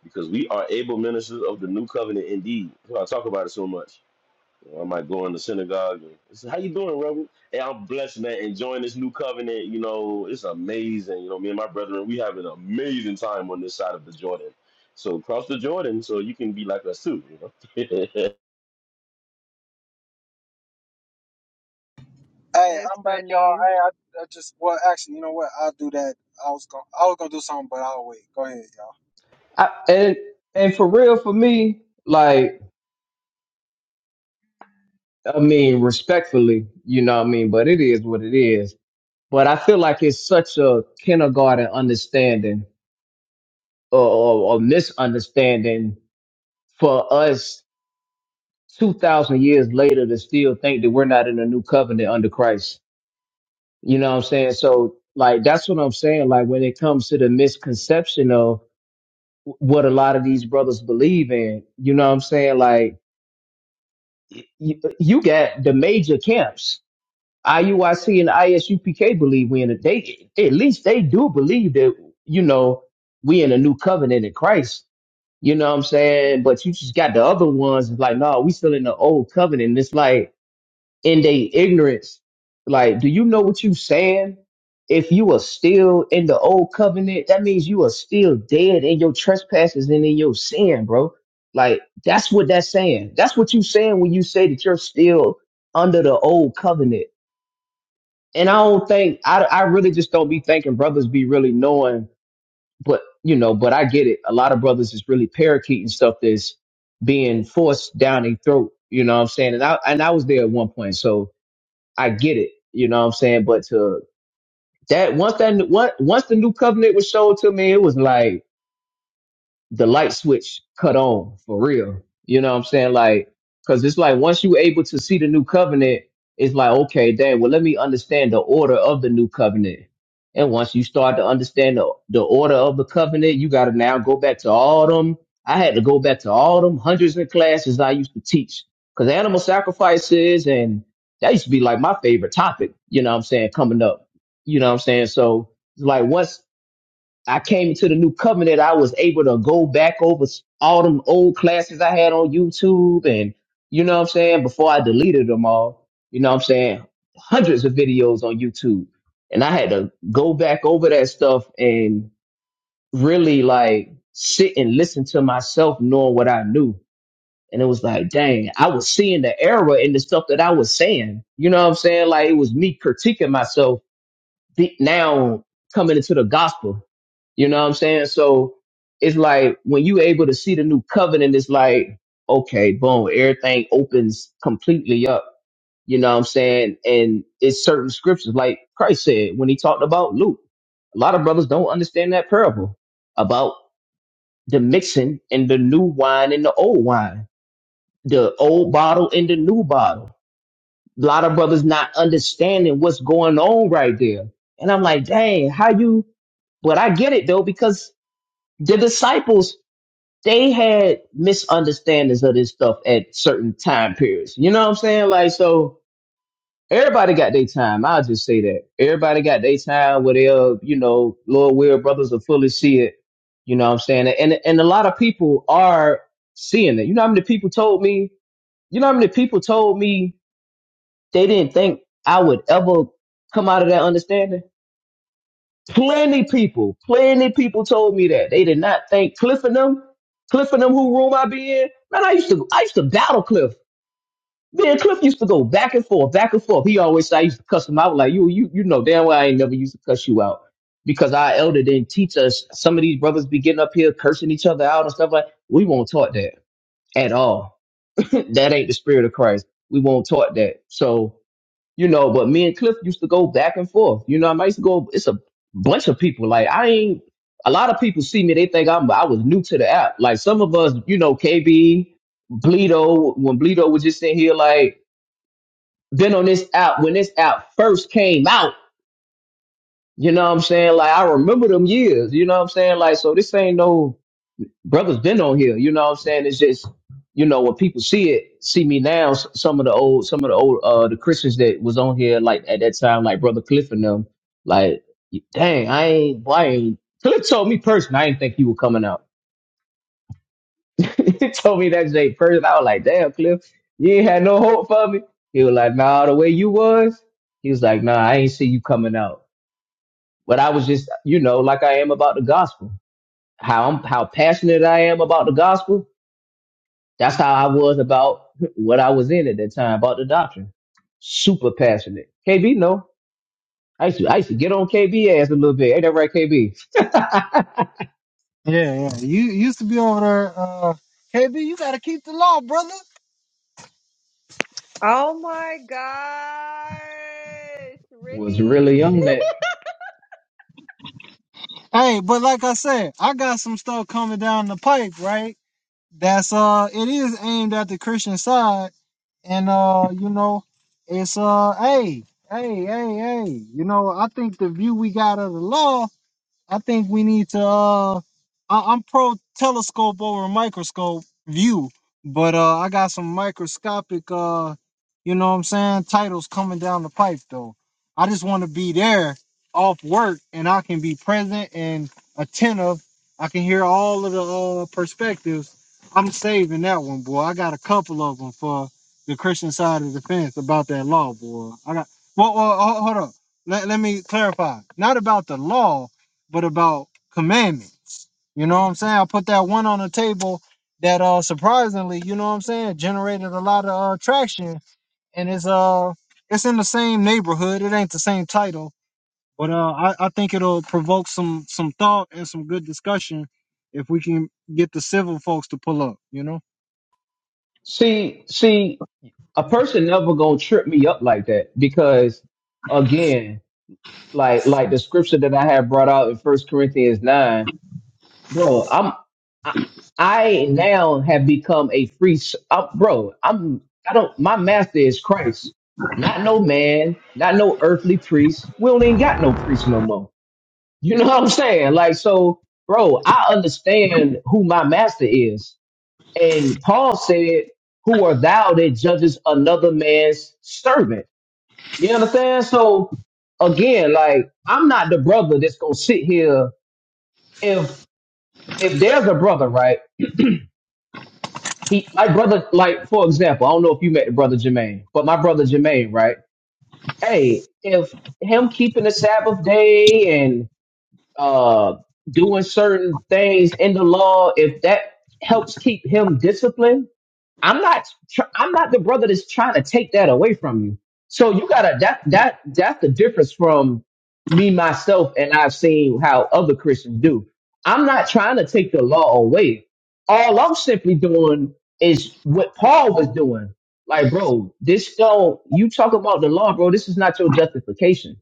Speaker 5: because we are able ministers of the new covenant indeed i talk about it so much you know, I might go in the synagogue. And, I said, how you doing, Reverend? Hey, I'm blessed, man. Enjoying this new covenant. You know, it's amazing. You know, me and my brethren, we have an amazing time on this side of the Jordan. So cross the Jordan, so you can be like us too. You know.
Speaker 1: Hey,
Speaker 2: that's
Speaker 1: I'm back, y'all.
Speaker 2: funny.
Speaker 1: Hey, I, I just well, actually, you know what? I'll do that. I was gonna, I was gonna do something, but I'll wait. Go ahead, y'all.
Speaker 4: I, and and for real for me, like I mean respectfully, you know what I mean. But it is what it is. but I feel like it's such a kindergarten understanding or, or, or misunderstanding for us 2,000 years later to still think that we're not in a new covenant under Christ. You know what I'm saying? So, like, that's what I'm saying. Like, when it comes to the misconception of what a lot of these brothers believe in, you know what I'm saying? Like, you, you got the major camps IUIC and ISUPK believe we in it. They at least they do believe that you know we in a new covenant in Christ. You know what I'm saying? But you just got the other ones it's like, no, we still in the old covenant. And it's like in their ignorance, like, do you know what you saying? If you are still in the old covenant, that means you are still dead in your trespasses and in your sin, bro. Like that's what that's saying. That's what you saying when you say that you're still under the old covenant and I don't think I I really just don't be thinking brothers be really knowing, but you know, but I get it. A lot of brothers is really parakeeting stuff that's being forced down their throat. You know what I'm saying? And I and I was there at one point, so I get it. You know what I'm saying? But to that once that once once the new covenant was shown to me, it was like the light switch cut on for real. You know what I'm saying? Like, cause it's like once you able to see the new covenant, it's like, okay, damn, well, let me understand the order of the new covenant. And once you start to understand the, the order of the covenant, you gotta now go back to all them. I had to go back to all them hundreds of classes I used to teach. Cause animal sacrifices and that used to be like my favorite topic, you know what I'm saying, coming up. You know what I'm saying? So it's like once I came into the new covenant, I was able to go back over s- all them old classes I had on YouTube and you know what I'm saying, before I deleted them all, you know what I'm saying, hundreds of videos on YouTube. And I had to go back over that stuff and really like sit and listen to myself knowing what I knew. And it was like, dang, I was seeing the error in the stuff that I was saying. You know what I'm saying? Like it was me critiquing myself deep now coming into the gospel. You know what I'm saying? So it's like when you able to see the new covenant, it's like, okay, boom, everything opens completely up. You know what I'm saying? And it's certain scriptures, like Christ said when he talked about Luke. A lot of brothers don't understand that parable about the mixing and the new wine and the old wine, the old bottle and the new bottle. A lot of brothers not understanding what's going on right there. And I'm like, dang, how you, but I get it though, because the disciples they had misunderstandings of this stuff at certain time periods. You know what I'm saying? Like, so everybody got their time. I'll just say that. Everybody got their time where they'll, you know, Lord Will brothers will fully see it. You know what I'm saying? And and a lot of people are seeing it. You know how many people told me, you know how many people told me they didn't think I would ever come out of that understanding? Plenty people, plenty people told me that they did not think Cliff and them, Cliff and them, who room I be in. Man, I used to, I used to battle Cliff. Me and Cliff used to go back and forth, back and forth. He always said I used to cuss him out like you, you, you know damn well I ain't never used to cuss you out because our elder didn't teach us. Some of these brothers be getting up here cursing each other out and stuff like. We won't taught that at all. that ain't the spirit of Christ. We won't taught that. So you know. But me and Cliff used to go back and forth. You know, I used to go. It's a bunch of people. Like I ain't. A lot of people see me. They think I'm. I was new to the app. Like some of us, you know, KB, Bleedo. When Bleedo was just in here, like been on this app when this app first came out. You know what I'm saying? Like I remember them years. You know what I'm saying? Like so, this ain't no brothers been on here. You know what I'm saying? It's just, you know, when people see it, see me now, s- some of the old, some of the old, uh, the Christians that was on here, like at that time, like brother Cliff and them, like, dang, I ain't, why ain't, Cliff told me personally, I didn't think you were coming out. he told me that day personally. I was like, damn, Cliff, you ain't had no hope for me. He was like, nah, the way you was, he was like, nah, I ain't see you coming out. But I was just, you know, like I am about the gospel, how I'm, how passionate I am about the gospel That's how I was about what I was in at that time about the doctrine. Super passionate. KB, no. I used to, I used to get on KB ass a little bit. Ain't that right, KB?
Speaker 1: Yeah, yeah. You you used to be over there. Uh, KB, you gotta keep the law, brother.
Speaker 2: Oh my gosh,
Speaker 4: Was
Speaker 2: really?
Speaker 4: really young that.
Speaker 1: Hey, but like I said, I got some stuff coming down the pipe, right? that's uh it is aimed at the Christian side and uh you know it's uh hey hey hey hey you know I think the view we got of the law I think we need to. Uh, I, I'm pro telescope over microscope view, but uh, I got some microscopic, uh, you know what I'm saying, titles coming down the pipe though. I just want to be there off work and I can be present and attentive. I can hear all of the uh, perspectives. I'm saving that one, boy. I got a couple of them for the Christian side of the fence about that law, boy. I got. Well, well ho- hold up. Let, let me clarify. Not about the law but about commandments. You know what I'm saying? I put that one on the table that uh surprisingly, you know what I'm saying, generated a lot of uh, traction and it's uh it's in the same neighborhood. It ain't the same title, but uh I, I think it'll provoke some some thought and some good discussion if we can get the civil folks to pull up, you know?
Speaker 4: See, see, a person never gonna trip me up like that because, again, like like the scripture that I have brought out in First Corinthians nine. bro. I'm I, I now have become a free s- I'm, bro. I'm I don't my master is Christ, not no man, not no earthly priest. We don't even got no priest no more. You know what I'm saying? Like so, bro. I understand who my master is, and Paul said, "Who are thou that judges another man's servant?" You understand? So again, like I'm not the brother that's gonna sit here if if there's a brother, right? he my brother like for example i don't know if you met the brother jermaine but my brother jermaine right hey if him keeping the sabbath day and uh doing certain things in the law if that helps keep him disciplined I'm not tr- I'm not the brother that's trying to take that away from you. So you gotta that that that's the difference from me myself and I've seen how other Christians do. I'm not trying to take the law away. All I'm simply doing is what Paul was doing. Like, bro, this don't you talk about the law, bro. This is not your justification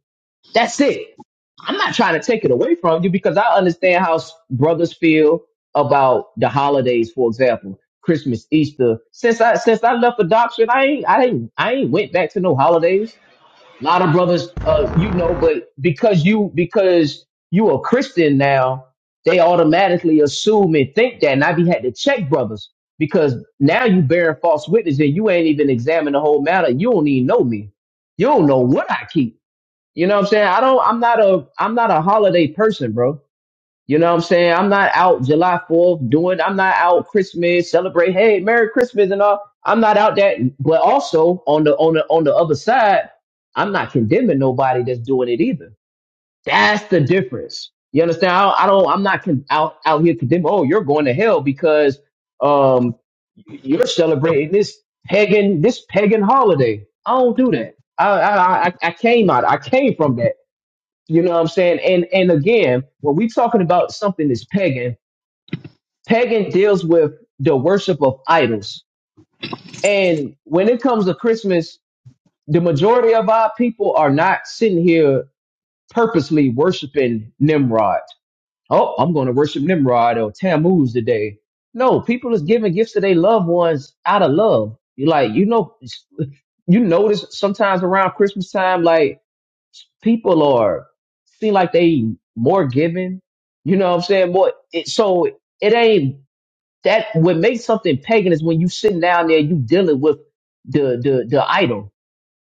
Speaker 4: that's it. I'm not trying to take it away from you because I understand how s- brothers feel about the holidays, for example, Christmas, Easter. Since I since I left adoption, I ain't I ain't I ain't went back to no holidays. A lot of brothers, uh, you know, but because you because you a Christian now, they automatically assume and think that, and I be had to check brothers because now you bearing false witness and you ain't even examined the whole matter. You don't even know me. You don't know what I keep. You know what I'm saying? I don't I'm not a I'm not a holiday person, bro. You know what I'm saying? I'm not out July 4th doing I'm not out Christmas, celebrate, hey, Merry Christmas and all. I'm not out that but also on the on the on the other side, I'm not condemning nobody that's doing it either. That's the difference. You understand? I don't, I don't I'm not con- out out here condemning, oh, you're going to hell because um you're celebrating this pagan this pagan holiday. I don't do that. I I I, I came out. I came from that. You know what I'm saying? And and again, when we talking about something that's pagan, pagan deals with the worship of idols. And when it comes to Christmas, the majority of our people are not sitting here purposely worshiping Nimrod. Oh, I'm going to worship Nimrod or Tammuz today. No, people is giving gifts to their loved ones out of love. You like, you know, you notice sometimes around Christmas time, like people are seem like they more giving. You know what I'm saying? More it, so it ain't that what makes something pagan is when you sitting down there you dealing with the the the idol.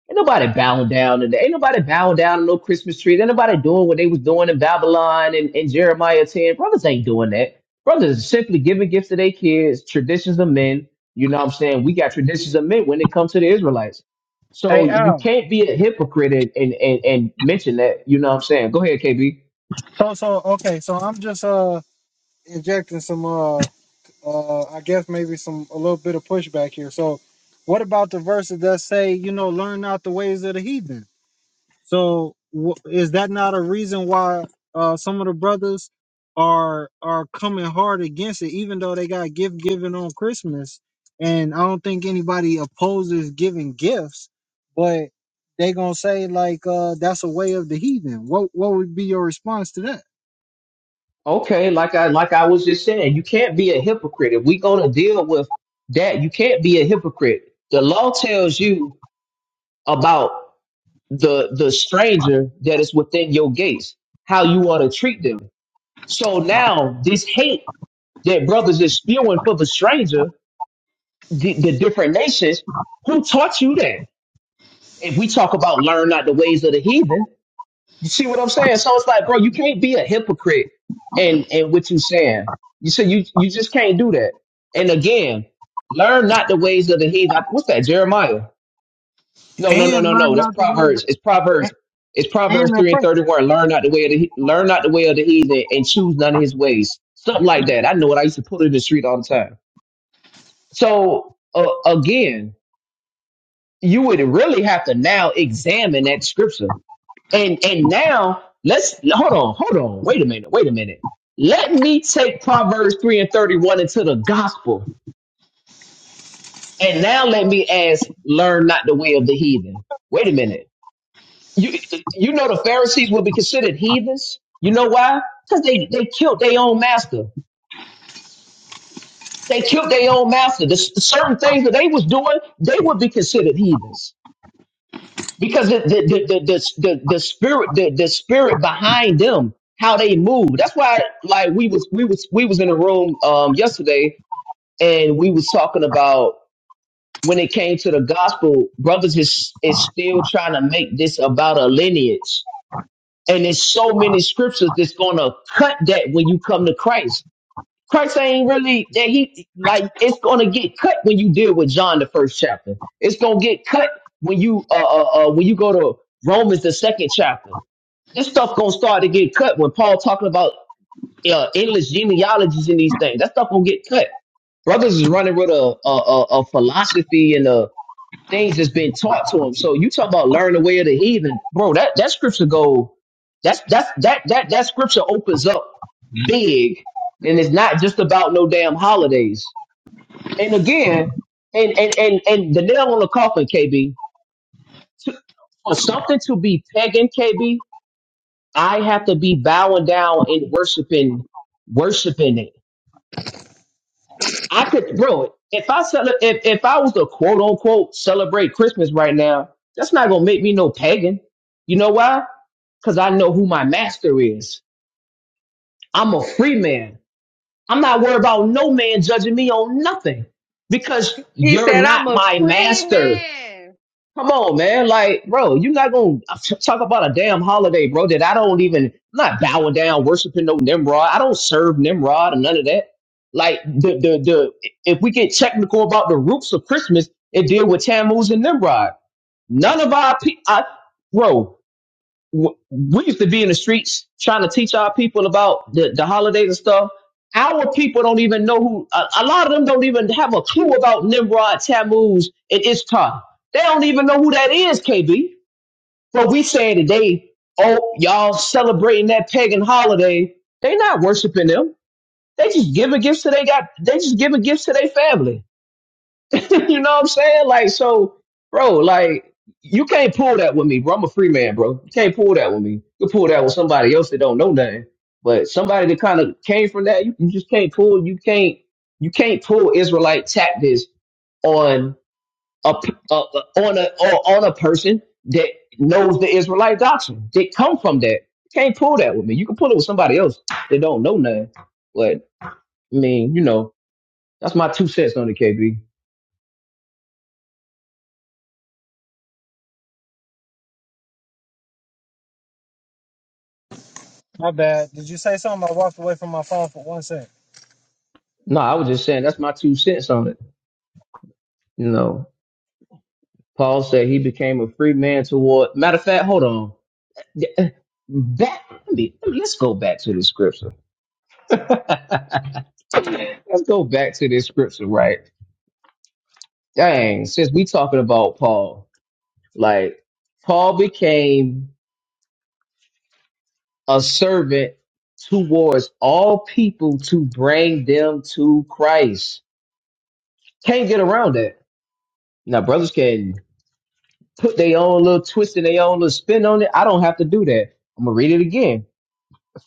Speaker 4: Ain't nobody bowing down today. Ain't nobody bowing down to no Christmas trees. Ain't nobody doing what they was doing in Babylon and, and Jeremiah 10. Brothers ain't doing that. Brothers is simply giving gifts to their kids, traditions of men. You know what I'm saying? We got traditions of men when it comes to the Israelites. So
Speaker 1: Hey
Speaker 4: you
Speaker 1: Al.
Speaker 4: can't be a hypocrite and, and, and, and mention that. You know what I'm saying? Go ahead, KB.
Speaker 1: So so okay, so I'm just uh injecting some uh. uh, I guess maybe some a little bit of pushback here. So, what about the verses that say, you know, learn not the ways of the heathen? So, wh- is that not a reason why uh, some of the brothers are are coming hard against it, even though they got gift giving on Christmas? And I don't think anybody opposes giving gifts, but they gonna say like uh, that's a way of the heathen. What what would be your response to that?
Speaker 4: Okay, like I like I was just saying, you can't be a hypocrite. If we gonna deal with that, you can't be a hypocrite. The law tells you about the the stranger that is within your gates, how you ought to treat them. So now this hate that brothers is spewing for the stranger, the, the different nations, who taught you that? If we talk about learn not the ways of the heathen, you see what I'm saying? So it's like, bro, you can't be a hypocrite and and what you saying. You say you you just can't do that. And again, learn not the ways of the heathen. What's that, Jeremiah? No, no, no,
Speaker 1: And
Speaker 4: no, no.
Speaker 1: learn
Speaker 4: That's
Speaker 1: not the ways of,
Speaker 4: Proverbs. It's
Speaker 1: and,
Speaker 4: Proverbs. It's Proverbs
Speaker 1: and the
Speaker 4: three and
Speaker 1: oppressor.
Speaker 4: thirty one. Learn not the way of the he- learn not the way of the heathen and choose none of his ways. Something like that. I know it. I used to put it in the street all the time. So uh, again, you would really have to now examine that scripture. And and now let's hold on, hold on. Wait a minute. Wait a minute. Let me take Proverbs three and thirty one into the gospel. And now let me ask, learn not the way of the heathen. Wait a minute You you know the Pharisees will be considered heathens. You know why? Because they they killed their own master. They killed their own master. The s- certain things that they was doing, they would be considered heathens because the the the the, the, the spirit the, the spirit behind them, how they move. That's why like we was we was we was in a room um yesterday and we was talking about when it came to the gospel, brothers is is still trying to make this about a lineage And there's so many scriptures that's gonna cut that when you come to Christ. Christ ain't really that he like it's gonna get cut when you deal with John the first chapter. It's gonna get cut when you uh uh, uh when you go to Romans the second chapter. This stuff gonna start to get cut when Paul talking about uh, endless genealogies and these things. That stuff gonna get cut. Brothers is running with a a, a, a philosophy and a things that's been taught to him. So you talk about learn the way of the heathen, bro. That that scripture go that's that's that that that scripture opens up big, and it's not just about no damn holidays. And again, and and and and the nail on the coffin, KB. To, for something to be pagan, KB, I have to be bowing down and worshiping, worshiping it. I could, bro. If I cele- if if I was to quote unquote celebrate Christmas right now, that's not gonna make me no pagan. You know why? Cause I know who my master is. I'm a free man. I'm not worried about no man judging me on nothing because
Speaker 2: He
Speaker 4: you're
Speaker 2: said, I'm
Speaker 4: not
Speaker 2: a
Speaker 4: my
Speaker 2: free
Speaker 4: master.
Speaker 2: man.
Speaker 4: Come on, man. Like, bro, you're not gonna t- talk about a damn holiday, bro, that I don't even I'm not bowing down, worshiping no Nimrod. I don't serve Nimrod or none of that. Like the the the if we get technical about the roots of Christmas, it deal with Tammuz and Nimrod. None of our pe- I, bro we used to be in the streets trying to teach our people about the, the holidays and stuff. Our people don't even know who, a, a lot of them don't even have a clue about Nimrod, Tammuz, and Ishtar. They don't even know who that is, KB. But we saying today, oh, y'all celebrating that pagan holiday. They not worshiping them. They just giving gifts to they got, they just giving gifts to their family. you know what I'm saying? Like, so, bro, like, you can't pull that with me, bro. I'm a free man, bro. You can't pull that with me. You can pull that with somebody else that don't know nothing. But somebody that kind of came from that, you, you just can't pull. You can't. You can't pull Israelite tactics on a p- a- a- on a on a person that knows the Israelite doctrine. That come from that. You can't pull that with me. You can pull it with somebody else that don't know nothing. But I mean, you know, that's my two cents on the KB.
Speaker 1: My bad. Did you say something? I walked away from my phone for one second.
Speaker 4: No, I was just saying that's my two cents on it. You know, Paul said he became a free man toward. Matter of fact, hold on. Yeah, eh, Back, let me, let me- let's go back to the scripture. let's go back to this scripture, right? Dang, since we talking about Paul, like Paul became a servant towards all people to bring them to Christ. Can't get around that. Now, brothers can. put their own little twist and their own little spin on it. I don't have to do that. I'm gonna read it again.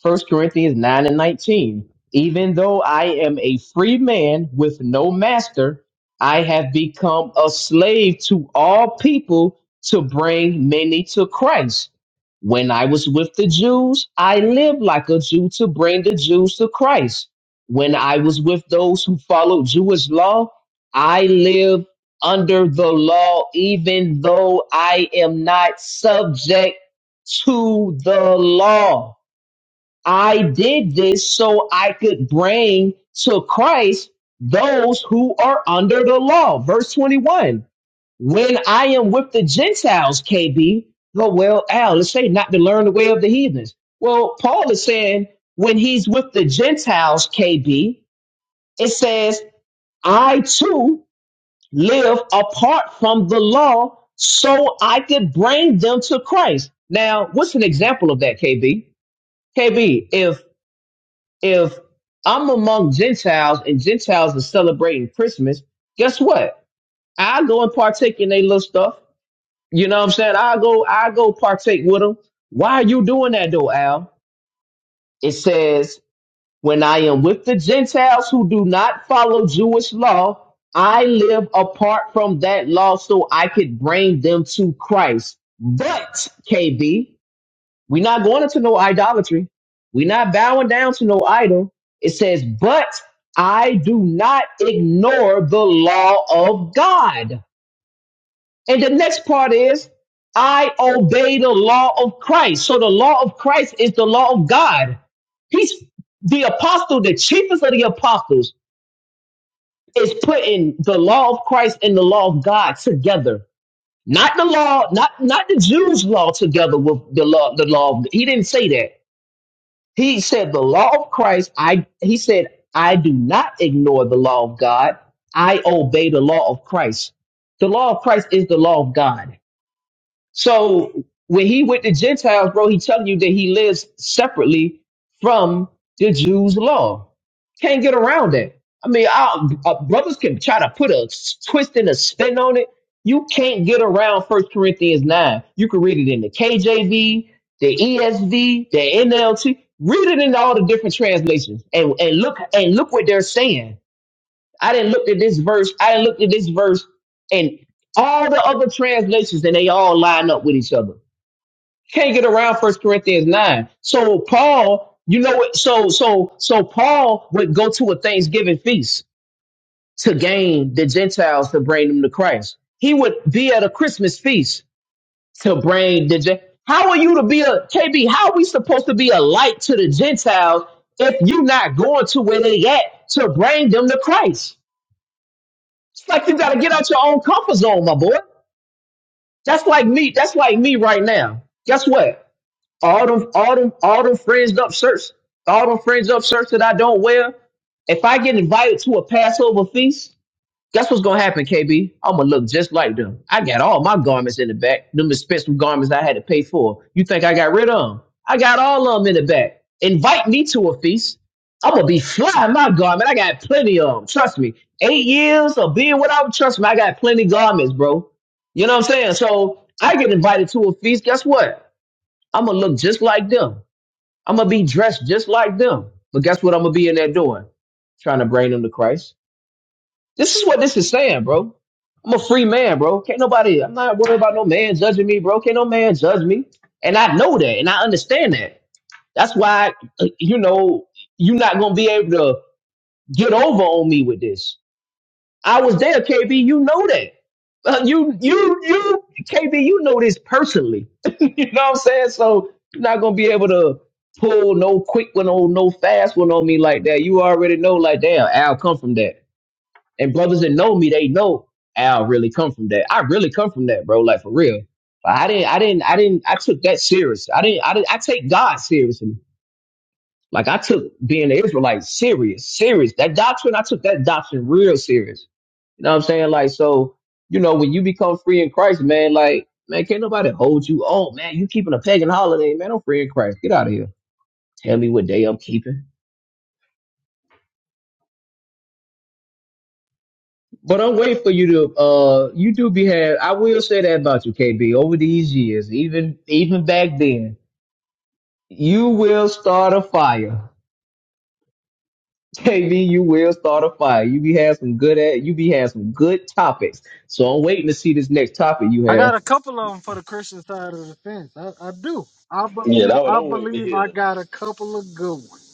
Speaker 4: First Corinthians 9 and 19. Even though I am a free man with no master, I have become a slave to all people to bring many to Christ. When I was with the Jews, I lived like a Jew to bring the Jews to Christ. When I was with those who followed Jewish law, I lived under the law, even though I am not subject to the law I did this so I could bring to Christ those who are under the law. Verse 21. When I am with the Gentiles, KB, oh, well, Al, let's say not to learn the way of the heathens. Well, Paul is saying when he's with the Gentiles, KB, it says, I too live apart from the law so I could bring them to Christ. Now, what's an example of that, KB? KB, if if I'm among Gentiles and Gentiles are celebrating Christmas, guess what? I go and partake in their little stuff. You know what I'm saying? I go, I go partake with them. Why are you doing that though, Al? It says, when I am with the Gentiles who do not follow Jewish law, I live apart from that law so I could bring them to Christ. But, KB, we're not going into no idolatry. We're not bowing down to no idol. It says, but I do not ignore the law of God. And the next part is, I obey the law of Christ. So the law of Christ is the law of God. He's the apostle, the chiefest of the apostles, is putting the law of Christ and the law of God together. Not the law, not not the Jews' law together with the law, the law. He didn't say that He said the law of Christ, I he said, I do not ignore the law of God. I obey the law of Christ. The law of Christ is the law of God. So when he with the Gentiles, bro, he telling you that he lives separately from the Jews' law. Can't get around that. I mean, our, our brothers can try to put a s- twist and a spin on it. You can't get around First Corinthians nine. You can read it in the KJV, the ESV, the NLT. Read it in all the different translations, and and look and look what they're saying. I didn't look at this verse. I didn't look at this verse and all the other translations, and they all line up with each other. Can't get around First Corinthians nine. So Paul, you know what? So so so Paul would go to a Thanksgiving feast to gain the Gentiles to bring them to Christ. He would be at a Christmas feast to bring the. Gen- How are you to be a KB? How are we supposed to be a light to the Gentiles if you're not going to where they at to bring them to Christ? It's like you gotta get out your own comfort zone, my boy. That's like me. That's like me right now. Guess what? All them, all them, all them fringed up shirts, all them fringed up shirts that I don't wear. If I get invited to a Passover feast, Guess what's gonna happen, KB? I'm gonna look just like them. I got all my garments in the back, them expensive garments I had to pay for. You think I got rid of them? I got all of them in the back. Invite me to a feast. I'm gonna be flying my garment. I got plenty of them. Trust me. Eight years of being without, trust me, I got plenty garments, bro. You know what I'm saying? So I get invited to a feast. Guess what? I'm gonna look just like them. I'm gonna be dressed just like them. But guess what? I'm gonna be in there doing, trying to bring them to Christ this is what this is saying, bro. I'm a free man, bro. Can't nobody, I'm not worried about no man judging me, bro. Can't no man judge me. And I know that and I understand that. That's why, uh, you know, you're not going to be able to get over on me with this. I was there, KB. You know that. Uh, you, you, you, KB, you know this personally. you know what I'm saying? So you're not going to be able to pull no quick one on, no fast one on me like that. You already know, like, damn, Al come from that. And brothers that know me, they know Al really come from that. I really come from that, bro. Like for real. But I didn't, I didn't, I didn't, I took that serious. I didn't, I didn't, I take God seriously. Like I took being an Israelite serious, serious. That doctrine, I took that doctrine real serious. You know what I'm saying? Like, so, you know, when you become free in Christ, man, like, man, can't nobody hold you. Oh, man, you keeping a pagan holiday, man. I'm free in Christ. Get out of here. Tell me what day I'm keeping. But I'm waiting for you to uh you do be had I will say that about you, KB, over these years, even even back then, you will start a fire. KB, you will start a fire. You be had some good at you be had some good topics. So I'm waiting to see this next topic you
Speaker 1: I
Speaker 4: have.
Speaker 1: got a couple of them for the Christian side of the fence. I, I do. I
Speaker 5: yeah,
Speaker 1: believe.
Speaker 5: that what
Speaker 1: I
Speaker 5: I'm waiting to
Speaker 1: believe I
Speaker 5: hear.
Speaker 1: got a couple of good ones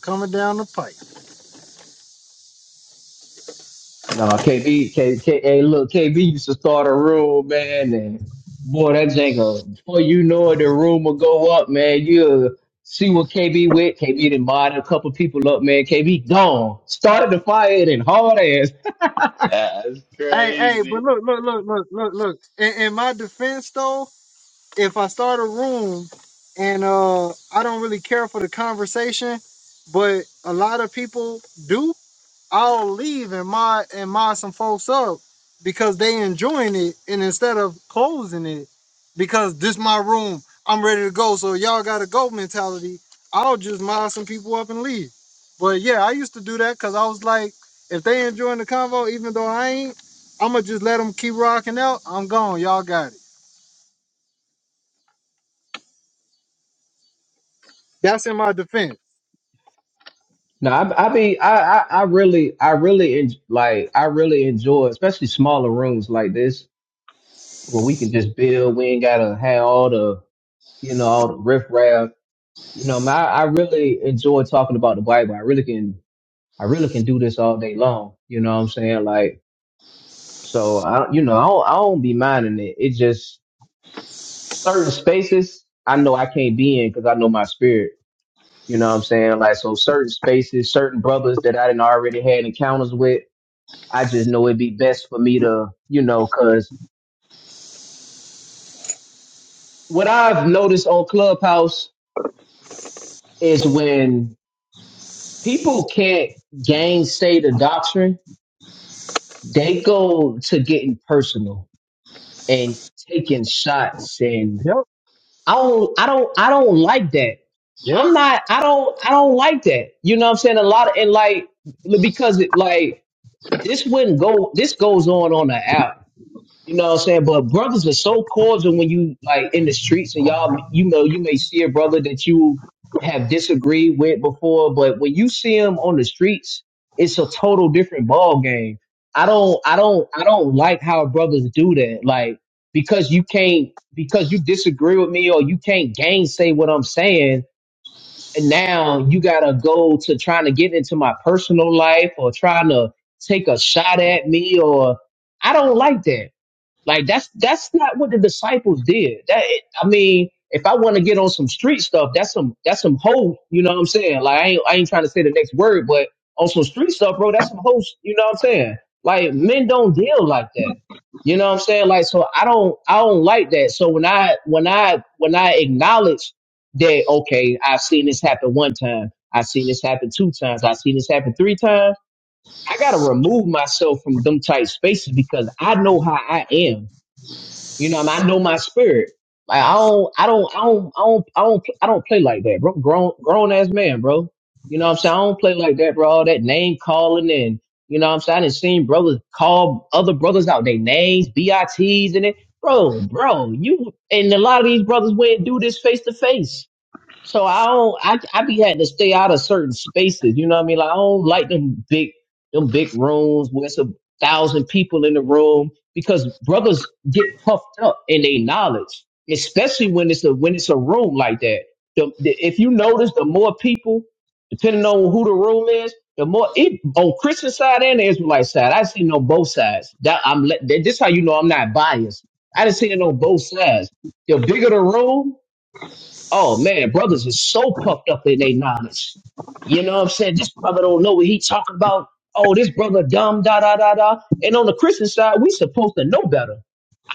Speaker 1: coming down the pipe.
Speaker 4: No, KB, K, K, hey, look, KB used to start a room, man, and boy, that Jenga, before you know it, the room will go up, man. You'll see what KB with. KB done mod a couple people up, man. KB gone. Started the fire and hard ass.
Speaker 5: That's
Speaker 1: Hey, hey, but
Speaker 5: crazy.
Speaker 1: look, look, look, look, look, look. In, in my defense, though, if I start a room and uh, I don't really care for the conversation, but a lot of people do. I'll leave and mod and mod some folks up because they enjoying it, and instead of closing it, because this my room, I'm ready to go. So y'all got a go mentality. I'll just mod some people up and leave. But yeah, I used to do that because I was like, if they enjoying the convo, even though I ain't, I'ma just let them keep rocking out. I'm gone. Y'all got it. That's in my defense.
Speaker 4: No, I, I mean, I, I, I really, I really, en- like, I really enjoy, especially smaller rooms like this, where we can just build. We ain't gotta have all the, you know, all the riffraff. You know, man, I, I really enjoy talking about the Bible. I really can I really can do this all day long. You know what I'm saying? Like, so I, you know, I don't, I don't be minding it. It just certain spaces I know I can't be in because I know my spirit. You know what I'm saying? Like, so certain spaces, certain brothers that I didn't already had encounters with, I just know it'd be best for me to, you know, cause what I've noticed on Clubhouse is when people can't gainsay the doctrine, they go to getting personal and taking shots and
Speaker 1: Yep.
Speaker 4: I don't I don't I don't like that.
Speaker 1: Yep.
Speaker 4: I'm not I don't I don't like that. You know what I'm saying? A lot of and like because it like this wouldn't go this goes on on the app. You know what I'm saying? But brothers are so cordial when you like in the streets and y'all, you know, you may see a brother that you have disagreed with before, but when you see him on the streets, it's a total different ball game. I don't, I don't, I don't like how brothers do that. Like because you can't, because you disagree with me or you can't gainsay what I'm saying. And now you gotta go to trying to get into my personal life or trying to take a shot at me or I don't like that. Like that's that's not what the disciples did. That I mean, if I want to get on some street stuff, that's some that's some hoe. You know what I'm saying? Like I ain't I ain't trying to say the next word, but on some street stuff, bro, that's some hoe. You know what I'm saying? Like men don't deal like that. You know what I'm saying? Like so, I don't I don't like that. So when I when I when I acknowledge that okay, I've seen this happen one time, I've seen this happen two times, I've seen this happen three times. I gotta remove myself from them tight spaces because I know how I am. You know, I, mean, I know my spirit. Like I don't, I don't, I don't, I don't, I don't, I don't play like that, bro. Grown, grown ass man, bro. You know what I'm saying? I don't play like that, bro. All that name calling and you know what I'm saying? I done seen brothers call other brothers out their names, BITs and it. Bro, bro, you and a lot of these brothers wouldn't do this face to face. So I don't, I, I be had to stay out of certain spaces. You know what I mean? Like I don't like them big, them big rooms where it's a thousand people in the room because brothers get puffed up in their knowledge, especially when it's a, when it's a room like that. The, the, if you notice, the more people, depending on who the room is, the more it on Christian side and the Israelite side, I seen it on both sides. That I'm let, that, this how you know I'm not biased. I done seen it on both sides. The bigger the room, Oh man, brothers are so puffed up in their knowledge. You know what I'm saying? This brother don't know what he talking about. Oh, this brother dumb, da da da da. And on the Christian side, we supposed to know better.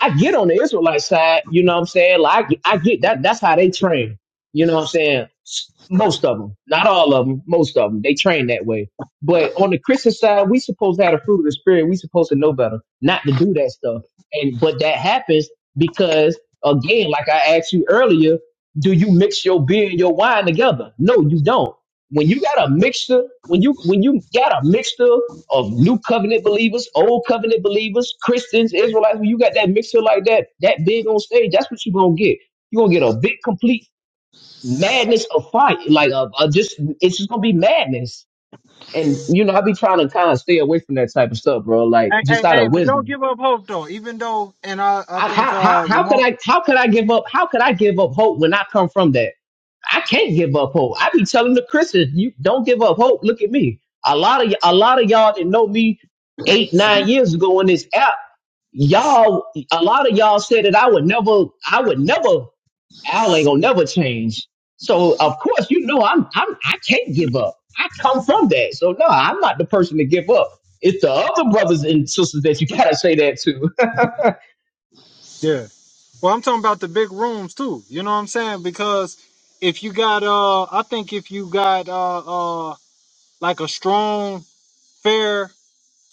Speaker 4: I get on the Israelite side, you know what I'm saying? Like I get that that's how they train. You know what I'm saying? S- Most of them, not all of them, most of them, they train that way. But on the Christian side, we supposed to have the fruit of the spirit. We supposed to know better, not to do that stuff. And but that happens because again, like I asked you earlier, do you mix your beer and your wine together? No, you don't. When you got a mixture, when you when you got a mixture of new covenant believers, old covenant believers, Christians, Israelites, when you got that mixture like that, that big on stage, that's what you're gonna get. You're gonna get a big complete madness of fight, Like uh, uh, just it's just gonna be madness. And you know, I be trying to kind of stay away from that type of stuff, bro. Like
Speaker 1: Hey,
Speaker 4: just
Speaker 1: hey,
Speaker 4: out
Speaker 1: hey,
Speaker 4: of
Speaker 1: but don't
Speaker 4: wisdom.
Speaker 1: give up hope though. Even though, and I, I
Speaker 4: I,
Speaker 1: think
Speaker 4: how how
Speaker 1: uh
Speaker 4: how could
Speaker 1: Ramon
Speaker 4: I how could I give up how could I give up hope when I come from that? I can't give up hope. I be telling the Christians, you don't give up hope. Look at me. A lot of y- a lot of y'all that know me eight nine years ago in this app, y'all a lot of y'all said that I would never I would never Al ain't gonna never change. So of course you know I'm I'm I can't give up. I come from that. So no, I'm not the person to give up. It's the other brothers and sisters that you gotta say that to.
Speaker 1: Yeah. Well, I'm talking about the big rooms too. You know what I'm saying? Because if you got uh I think if you got uh uh like a strong, fair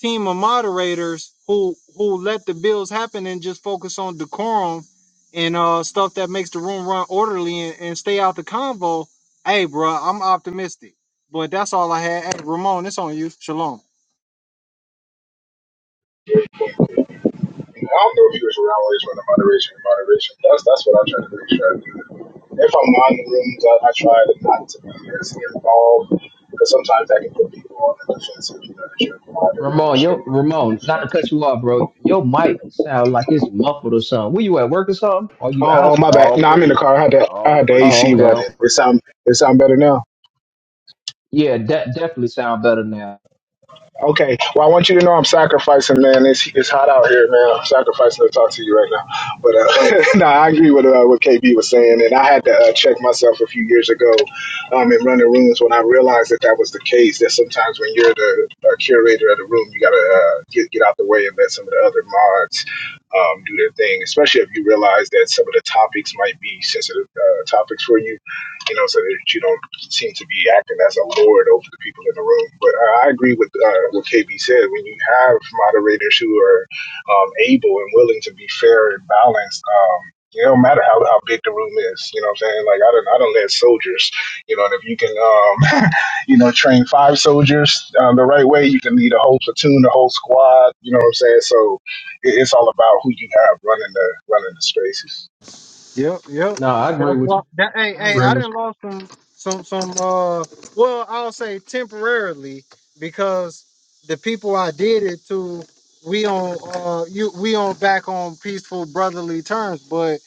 Speaker 1: team of moderators who who let the bills happen and just focus on decorum and uh stuff that makes the room run orderly and, and stay out the convo, hey bro, I'm optimistic. But that's all I had. Hey Ramon, it's on you. Shalom.
Speaker 6: I don't know if he was around while he was running moderation and moderation. That's that's what I try to make sure I do. If I'm on the rooms, I, I try to not to be as involved because sometimes that can put people on the defensive. You know, they should moderate, they
Speaker 4: Ramon,
Speaker 6: should
Speaker 4: yo,
Speaker 6: do what
Speaker 4: Ramon, not
Speaker 6: like
Speaker 4: to cut you off, bro. Your mic sound like it's muffled or something. Were you at work or something? Are you
Speaker 6: Oh,
Speaker 4: out?
Speaker 5: All praises.
Speaker 6: okay. All
Speaker 5: All
Speaker 6: right.
Speaker 5: praises.
Speaker 4: Oh, okay,
Speaker 5: All
Speaker 4: okay.
Speaker 6: It
Speaker 5: praises.
Speaker 6: sound. It sound.
Speaker 4: Yeah, that definitely sound better now.
Speaker 6: Okay. Well, I want you to know I'm sacrificing, man. It's it's hot out here, man. I'm sacrificing to talk to you right now. But uh, no, I agree with uh, what KB was saying, and I had to uh, check myself a few years ago um, in running rooms when I realized that that was the case. That sometimes when you're the uh, curator of the room, you gotta uh, get get out the way and let some of the other mods um, do their thing, especially if you realize that some of the topics might be sensitive uh, topics for you you know, so that you don't seem to be acting as a lord over the people in the room. But I, I agree with uh, what KB said. When you have moderators who are um, able and willing to be fair and balanced, um, it don't matter how, how big the room is, you know what I'm saying? Like I don't I don't let soldiers, you know, and if you can um you know train five soldiers um, the right way, you can lead a whole platoon, a whole squad, you know what I'm saying? So it, it's all about who you have running the running the spaces.
Speaker 1: Yep, yep.
Speaker 4: No, I
Speaker 1: That's
Speaker 4: agree with
Speaker 1: why.
Speaker 4: you.
Speaker 1: That, hey,
Speaker 4: I
Speaker 1: hey,
Speaker 4: agree
Speaker 1: I
Speaker 4: with you.
Speaker 1: didn't lost some, some, some. Uh, well, I'll say temporarily because the people I did it to, we on, uh, you, we on back on peaceful brotherly terms. But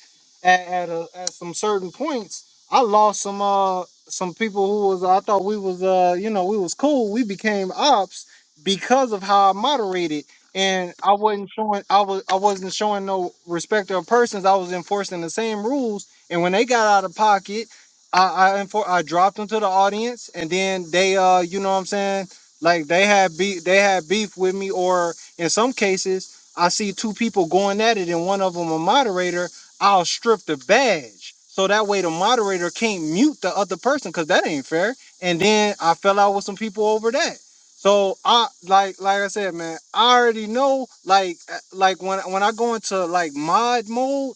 Speaker 1: at at, a, at some certain points, I lost some, uh, some people who was I thought we was, uh, you know, we was cool. We became ops because of how I moderated and I wasn't showing I was I wasn't showing no respect of persons. I was enforcing the same rules, and when they got out of pocket, I I, enfor- I dropped them to the audience, and then they uh you know what I'm saying like they had beef they had beef with me, or in some cases I see two people going at it, and one of them a moderator. I'll strip the badge so that way the moderator can't mute the other person because that ain't fair. And then I fell out with some people over that. So I like like I said, man. I already know like uh, like when when I go into like mod mode.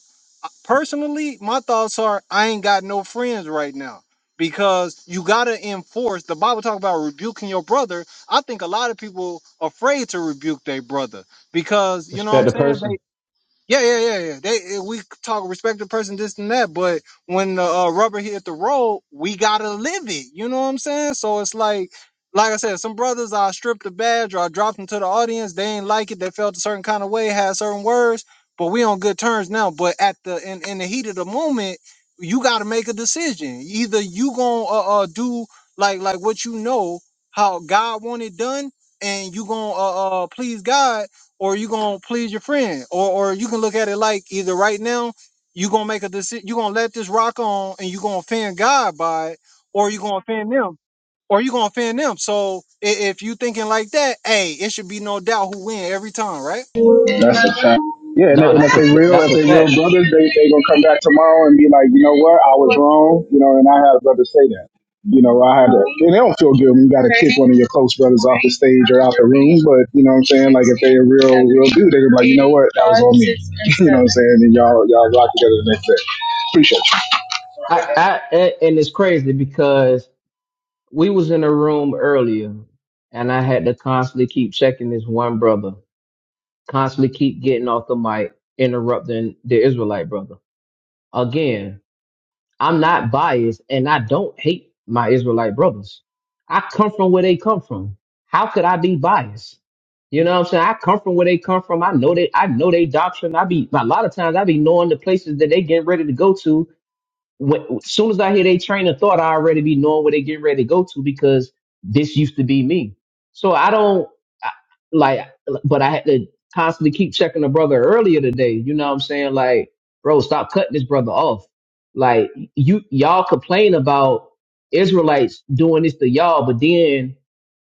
Speaker 1: Personally, my thoughts are I ain't got no friends right now because you gotta enforce. The Bible talk about rebuking your brother. I think a lot of people afraid to rebuke their brother because you know what
Speaker 4: Respect
Speaker 1: I'm
Speaker 4: the
Speaker 1: saying.
Speaker 4: person.
Speaker 1: Yeah, yeah, yeah, yeah. They eh, we talk respect the person, this and that, but when the uh, rubber hit the road, we gotta live it. You know what I'm saying? So it's like, like I said, some brothers I stripped the badge or I dropped them to the audience. They ain't like it. They felt a certain kind of way, had certain words, but we on good terms now. But at the in, in the heat of the moment, you gotta make a decision. Either you gonna uh, uh do like like what you know how God wanted done, and you gonna uh, uh please God or you gonna please your friend, or or you can look at it like either right now you gonna make a decision, you gonna let this rock on, and you gonna offend God by it, or you gonna offend them, or you gonna offend them. So i- if you thinking like that, hey, it should be no doubt who win every time, right?
Speaker 6: That's a fact. Yeah, and,
Speaker 4: No,
Speaker 6: and
Speaker 4: that's
Speaker 6: if
Speaker 4: a
Speaker 6: they real,
Speaker 4: that's
Speaker 6: if
Speaker 4: a
Speaker 6: they real
Speaker 4: fact.
Speaker 6: brothers, they they gonna come back tomorrow and be like, you know what, I was wrong, you know, and I had a brother say that. You know, I had to, and they don't feel good when you got to kick one of your close brothers off the stage or out the room. But you know what I'm saying? Like if they a real, real dude, they gonna be like, you know what, that was on me. you know what I'm saying? And y'all, y'all rock together the next day. Appreciate
Speaker 4: I,
Speaker 6: you.
Speaker 4: I and and it's crazy because we was in a room earlier, and I had to constantly keep checking this one brother, constantly keep getting off the mic, interrupting the Israelite brother again I'm not biased and I don't hate my Israelite brothers. I come from where they come from. How could I be biased? You know what I'm saying? I come from where they come from. I know they I know they doctrine. I be a lot of times I be knowing the places that they getting ready to go to when, as soon as I hear they train of thought, I already be knowing where they getting ready to go to because this used to be me. So I don't I, like, but I had to constantly keep checking the brother earlier today. You know what I'm saying? Like, bro, stop cutting this brother off. Like you, y'all complain about Israelites doing this to y'all, but then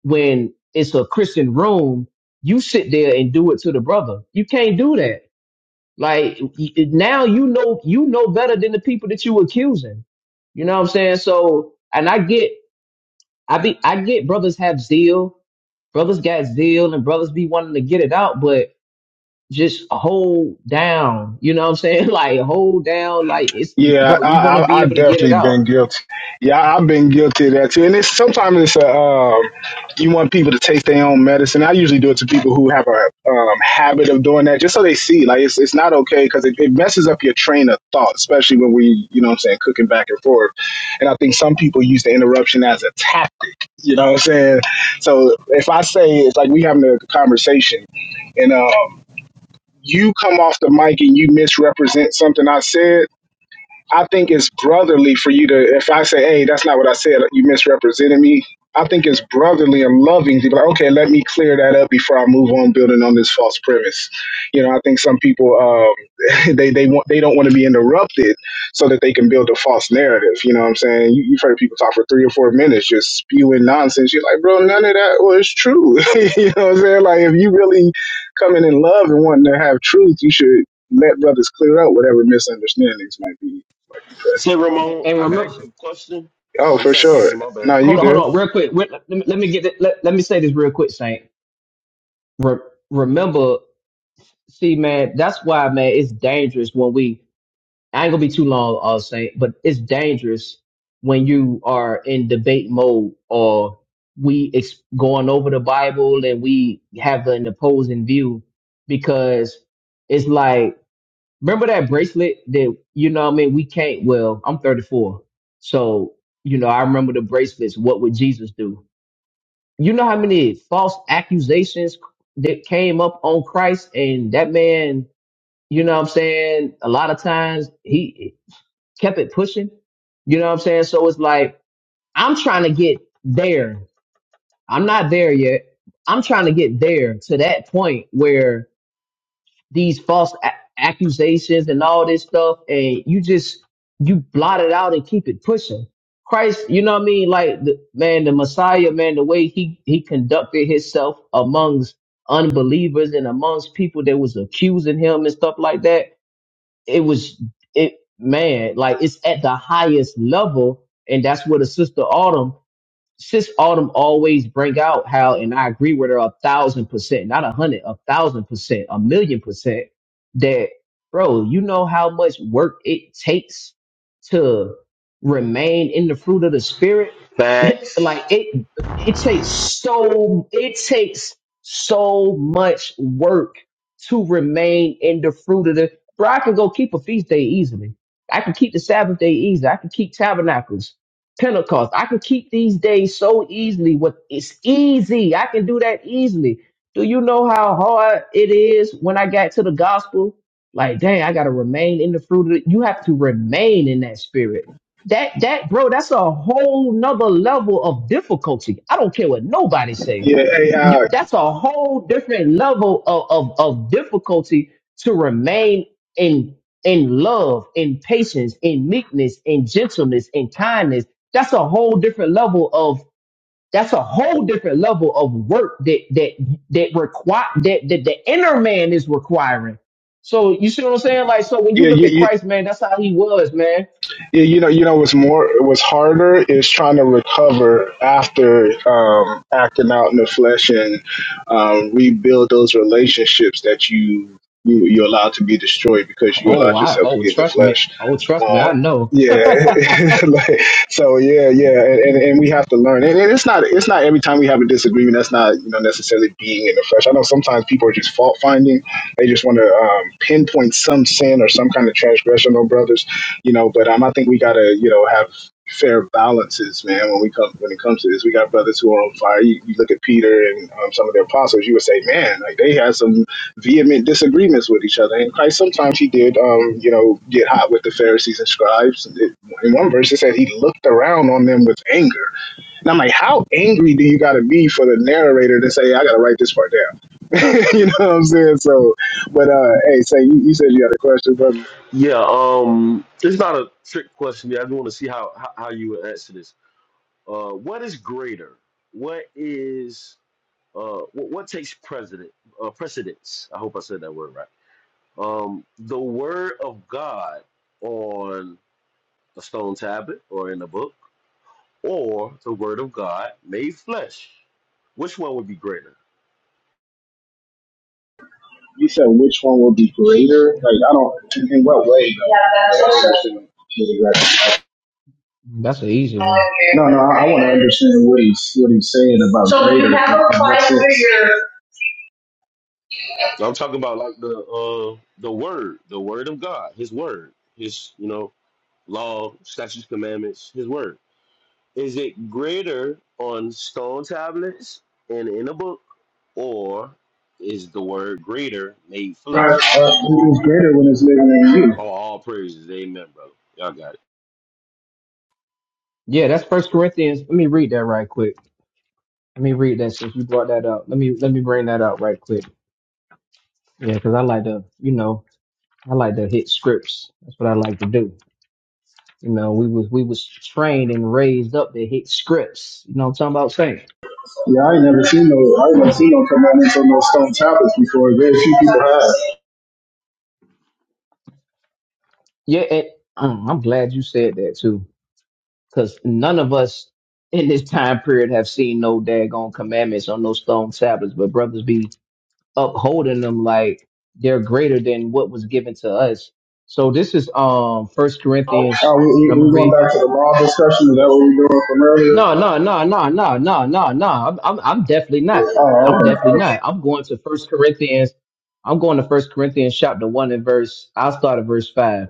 Speaker 4: when it's a Christian room, you sit there and do it to the brother. You can't do that like y- y- now you know you know better than the people that you accusing. You know what I'm saying? So and I get I be I get brothers have zeal, brothers got zeal and brothers be wanting to get it out, but just hold down. You know what I'm saying? Like hold down, like it's
Speaker 6: Yeah,
Speaker 4: bro,
Speaker 6: I,
Speaker 4: you're gonna be
Speaker 6: I, I
Speaker 4: able to get it
Speaker 6: definitely
Speaker 4: out.
Speaker 6: been guilty. Yeah, I- I've been guilty of that too. And it's sometimes it's a um, you want people to take their own medicine. I usually do it to people who have a um, habit of doing that, just so they see like it's it's not okay because it, it messes up your train of thought, especially when we you know what I'm saying cooking back and forth. And I think some people use the interruption as a tactic. You know what I'm saying? So if I say it's like we having a conversation, and um, you come off the mic and you misrepresent something I said I think it's brotherly for you to, if I say, hey, that's not what I said, you misrepresented me. I think it's brotherly and loving to be like, okay, let me clear that up before I move on building on this false premise. You know, I think some people um, they they want they don't want to be interrupted so that they can build a false narrative. You know what I'm saying? You, you've heard people talk for three or four minutes just spewing nonsense. You're like, bro, none of that was true. you know what I'm saying? Like, if you really coming in love and wanting to have truth, you should let brothers clear up whatever misunderstandings might be. Might be present.
Speaker 5: Say,
Speaker 4: And,
Speaker 5: Ramon,
Speaker 4: and
Speaker 5: I can
Speaker 4: remember
Speaker 5: ask you a question.
Speaker 6: Oh,
Speaker 5: Oh, you
Speaker 6: for
Speaker 5: gotta keep
Speaker 6: sure.
Speaker 5: my back.
Speaker 6: No, you
Speaker 4: hold on, hold
Speaker 6: good.
Speaker 4: on, real quick. Re- Let me, let me get it, let, let me say this real quick, Saint. Re- remember, see man, that's why man, it's dangerous when we I ain't gonna be too long, all saying, but it's dangerous when you are in debate mode or we ex- going over the Bible and we have an opposing view because it's like remember that bracelet that you know what I mean we can't well I'm 34 so you know I remember the bracelets what would Jesus do you know how many false accusations that came up on Christ and that man you know what I'm saying? A lot of times he kept it pushing. You know what I'm saying? So it's like I'm trying to get there. I'm not there yet. I'm trying to get there to that point where these false a- accusations and all this stuff, and you just you blot it out and keep it pushing. Christ, you know what I mean? Like the man, the Messiah, man, the way he he conducted himself amongst unbelievers and amongst people that was accusing him and stuff like that it was it man like it's at the highest level and that's where the sister autumn Sis Autumn always bring out how, and I agree with her a thousand percent, not a hundred, a thousand percent, a million percent, that, bro, you know how much work it takes to remain in the fruit of the spirit?
Speaker 5: Facts.
Speaker 4: like it, it takes so, it takes so much work to remain in the fruit of the, bro, I can go keep a feast day easily. I can keep the Sabbath day easy. I can keep tabernacles. Pentecost. I can keep these days so easily. What it's easy. I can do that easily. Do you know how hard it is when I got to the gospel? Like, dang, I gotta remain in the fruit of the, you have to remain in that spirit. That that bro, that's a whole nother level of difficulty. I don't care what nobody say.
Speaker 6: Yeah, hey,
Speaker 4: You,
Speaker 6: uh,
Speaker 4: that's a whole different level of, of, of difficulty to remain in in love, in patience, in meekness, in gentleness, in kindness that's a whole different level of that's a whole different level of work that that that require that, that the inner man is requiring. So you see what I'm saying? Like so when you
Speaker 6: yeah,
Speaker 4: look
Speaker 6: you,
Speaker 4: at
Speaker 6: you
Speaker 4: Christ, man, that's how he was, man.
Speaker 6: Yeah, you know, you know, what's more, what's harder is trying to recover after um, acting out in the flesh and um, rebuild those relationships that you, you you allowed to be destroyed because you
Speaker 4: Oh,
Speaker 6: allowed
Speaker 4: I
Speaker 6: yourself to
Speaker 4: oh
Speaker 6: get in the
Speaker 4: trust me.
Speaker 6: flesh.
Speaker 4: Oh, trust me,
Speaker 6: Uh,
Speaker 4: I know.
Speaker 6: yeah,
Speaker 4: that's
Speaker 6: like, so yeah, yeah, and, and, and we have to learn. And, and it's not it's not every time we have a disagreement. That's not you know necessarily being in the flesh. I know sometimes people are just fault finding. They just want to um, pinpoint some sin or some kind of transgression on brothers you know. But um, I think we gotta, you know, have fair balances, man. When we come, when it comes to this, we got brothers who are on fire. You, you look at Peter and um, some of the apostles. You would say, man, like they had some vehement disagreements with each other. And Christ sometimes he did, um, you know, get hot with the Pharisees and scribes. It- In one verse, it said he looked around on them with anger. And I'm like, how angry do you got to be for the narrator to say, I got to write this part down? you know what I'm saying? So, but uh, hey, say you, you said you had a question, brother.
Speaker 5: Yeah, um, it's not a trick question. I just want to see how, how how you would answer this. Uh, what is greater? What is uh, what, what takes precedent? Uh, precedence. I hope I said that word right. Um, the word of God on a stone tablet or in a book, or the word of God made flesh. Which one would be greater?
Speaker 6: You said which one will be greater? Like I don't. In, in what way? Like,
Speaker 4: an easy one.
Speaker 6: No, no. I, I want to understand what he's what he's saying about so greater. So you have in what sense.
Speaker 5: So I'm talking about like the uh, the word, the word of God, His word, His you know law, statutes, commandments, His word. Is it greater on stone tablets and in a book? Or is the word greater made
Speaker 6: Uh,
Speaker 5: flesh?
Speaker 6: it's greater when it's living in you.
Speaker 5: Oh, all praises. Amen, brother. Y'all got it.
Speaker 4: Yeah, that's First Corinthians. Let me read that right quick. Let me read that since you brought that up. Let me let me bring that up right quick. Yeah, because I like to, you know, I like to hit scripts. That's what I like to do. You know, we was we was trained and raised up to hit scripts. You know what I'm talking about saying?
Speaker 6: Yeah, I ain't never seen no, I ain't never seen no commandments on no stone tablets before. Very few people have.
Speaker 4: Yeah, and, um, I'm glad you said that too, because none of us in this time period have seen no daggone commandments on no stone tablets, but brothers be upholding them like they're greater than what was given to us. So this is um First Corinthians,
Speaker 6: Oh, we, we,
Speaker 4: and I'm
Speaker 6: we
Speaker 4: gonna read.
Speaker 6: going back to the law discussion. Is that what we were doing from earlier?
Speaker 4: No, no, no, no, no, no, no, no. I'm, I'm, I'm definitely not.
Speaker 6: Oh,
Speaker 4: Yeah, I'm
Speaker 6: okay.
Speaker 4: definitely
Speaker 6: okay.
Speaker 4: not. I'm going to First Corinthians. I'm going to First Corinthians chapter one and verse. I'll start at verse five.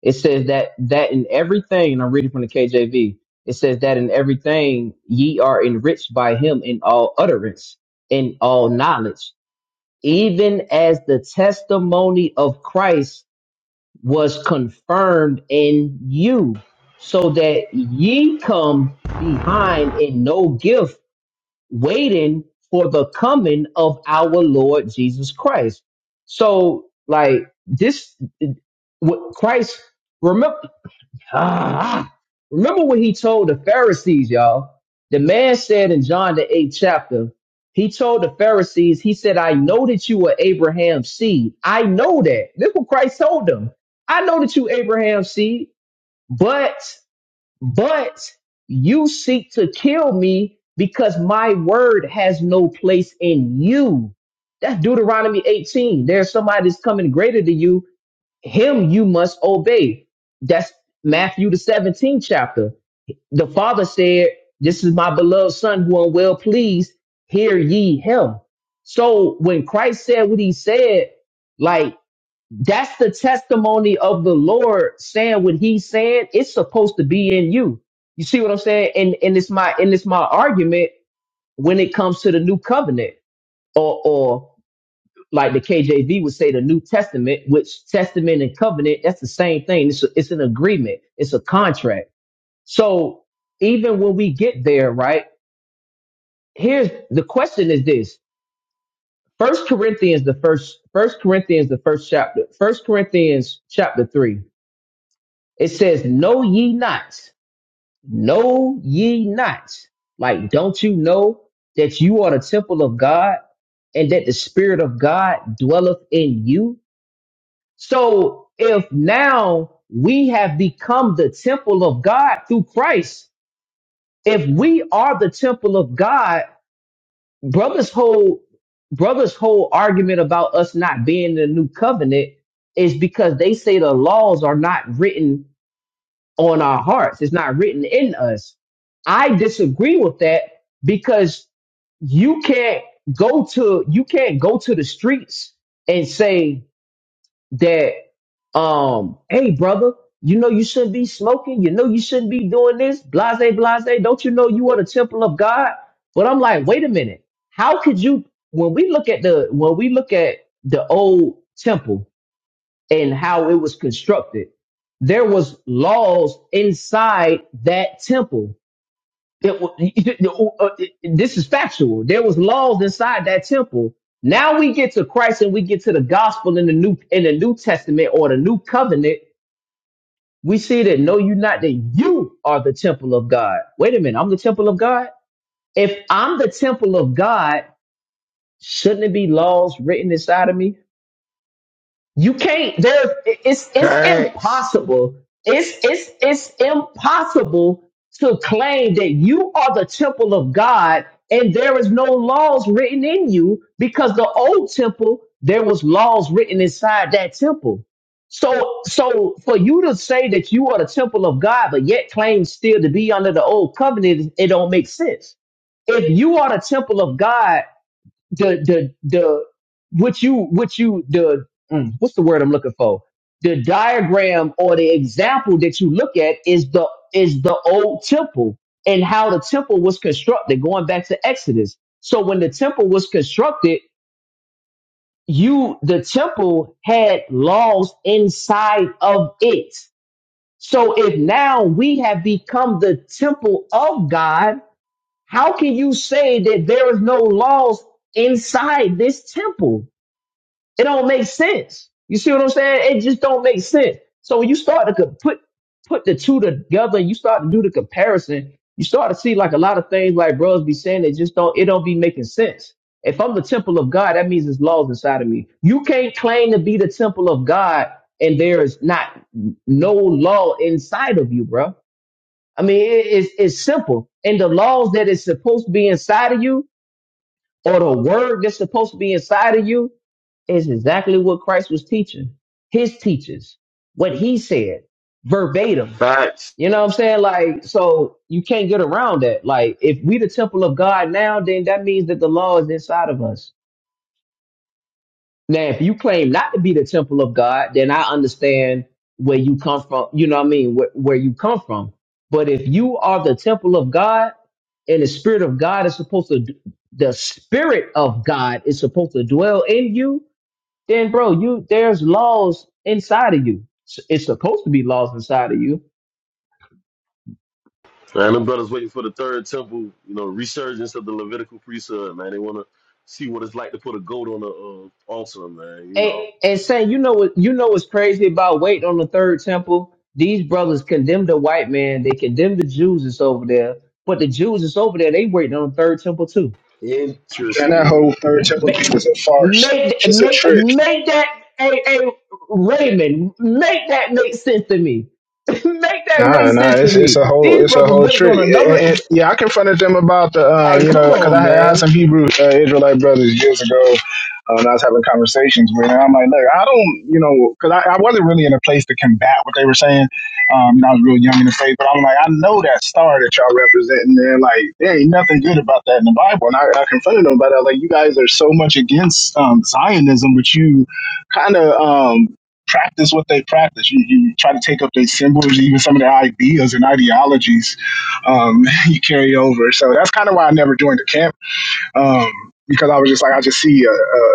Speaker 4: It says that that in everything, and I'm reading from the KJV. It says that in everything ye are enriched by Him in all utterance, in all knowledge, even as the testimony of Christ was confirmed in you, so that ye come behind in no gift, waiting for the coming of our Lord Jesus Christ. So, like this, what Christ remember? Ah, ah. remember what he told the Pharisees, y'all? The man said in John the eighth chapter, he told the Pharisees, he said, I know that you are Abraham's seed. I know that. This what Christ told them. I know that you Abraham's seed, but, but you seek to kill me because my word has no place in you. That's Deuteronomy 18. There's somebody that's coming greater than you him you must obey. That's Matthew the 17th chapter. The father said, This is my beloved son who am well pleased, hear ye him. So when Christ said what he said, like that's the testimony of the Lord saying what he said, it's supposed to be in you. You see what I'm saying? And and it's my and it's my argument when it comes to the new covenant or or like the KJV would say, the New Testament, which testament and covenant, that's the same thing. It's, a- it's an agreement. It's a contract. So even when we get there, right? Here's the question is this. First Corinthians, the first, first Corinthians, the first chapter, first Corinthians chapter three, it says, know ye not, know ye not. Like, don't you know that you are the temple of God and that the spirit of God dwelleth in you? So if now we have become the temple of God through Christ, if we are the temple of God, brother's whole brother's whole argument about us not being in the new covenant is because they say the laws are not written on our hearts. It's not written in us. I disagree with that because you can't go to you can't go to the streets and say that um, hey brother, you know you shouldn't be smoking, you know you shouldn't be doing this, blase, blase. Don't you know you are the temple of God? But I'm like, wait a minute, how could you when we look at the when we look at the old temple and how it was constructed, there was laws inside that temple there wa- uh, this is factual. There was laws inside that temple. Now we get to Christ and we get to the gospel in the new in the New Testament or the new covenant. We see that no, you're not. That you are the temple of God. Wait a minute, I'm the temple of God. If I'm the temple of God, shouldn't it be laws written inside of me? You can't. There, it's it's
Speaker 5: Facts.
Speaker 4: impossible. It's it's it's impossible to claim that you are the temple of God and there is no laws written in you because the old temple there was laws written inside that temple. So so for you to say that you are the temple of God but yet claim still to be under the old covenant, it don't make sense if you are the temple of God the the the what you what you the mm, what's the word I'm looking for? The diagram or the example that you look at is the is the old temple and how the temple was constructed, going back to Exodus. So when the temple was constructed, you the temple had laws inside of it. So if now we have become the temple of God, how can you say that there is no laws inside this temple? It don't make sense. You see what I'm saying? It just don't make sense. So when you start to co- put put the two together, you start to do the comparison. You start to see like a lot of things like bros be saying that just don't it don't be making sense. If I'm the temple of God, that means there's laws inside of me. You can't claim to be the temple of God and there is not no law inside of you, bro. I mean, it- it's it's simple. And the laws that is supposed to be inside of you, or the word that's supposed to be inside of you. It's exactly what Christ was teaching his teachers, what he said verbatim.
Speaker 5: Facts.
Speaker 4: You know what I'm saying? Like, so you can't get around that. Like, if we the temple of God now, then that means that the law is inside of us. Now, if you claim not to be the temple of God, then I understand where you come from. You know what I mean? Where, where you come from. But if you are the temple of God and the spirit of God is supposed to, d- the spirit of God is supposed to dwell in you, then bro, you there's laws inside of you. S- It's supposed to be laws inside of you.
Speaker 5: Man, them brothers waiting for the third temple, you know, resurgence of the Levitical priesthood, man. They want to see what it's like to put a goat on a uh, altar, man. You
Speaker 4: And
Speaker 5: know,
Speaker 4: and saying, you know what, you know what's crazy about waiting on the third temple? These brothers condemn the white man. They condemn the Jews that's over there, but the Jews that's over there, they waiting on the third temple too.
Speaker 6: And that
Speaker 5: interesting.
Speaker 6: whole third temple
Speaker 4: Make
Speaker 6: thing is a farce.
Speaker 4: make
Speaker 6: It's a
Speaker 4: make,
Speaker 6: trick.
Speaker 4: make that a a Raymond. Make that make sense to me. make that
Speaker 6: Nah,
Speaker 4: make
Speaker 6: nah,
Speaker 4: sense to
Speaker 6: it's it's a
Speaker 4: me.
Speaker 6: whole
Speaker 4: These
Speaker 6: it's a
Speaker 4: brothers
Speaker 6: whole
Speaker 4: waiting
Speaker 6: trick.
Speaker 4: on
Speaker 6: And,
Speaker 4: another.
Speaker 6: and, yeah, I confronted them about the uh,
Speaker 4: Hey,
Speaker 6: you
Speaker 4: come
Speaker 6: know because
Speaker 4: on,
Speaker 6: I had, I had
Speaker 4: man.
Speaker 6: some Hebrew uh, Israelite brothers years ago. Um, I was having conversations with, and I'm like, look, I don't, you know, because I, I wasn't really in a place to combat what they were saying. Um, you know, I was real young in the faith, but I'm like, I know that star that y'all representing there, like, there ain't nothing good about that in the Bible. And I, I confronted them about that, like, you guys are so much against um, Zionism, but you kind of um practice what they practice. You, you try to take up their symbols, even some of their ideas and ideologies um, you carry over. So that's kind of why I never joined the camp um, because I was just like, I just see a, a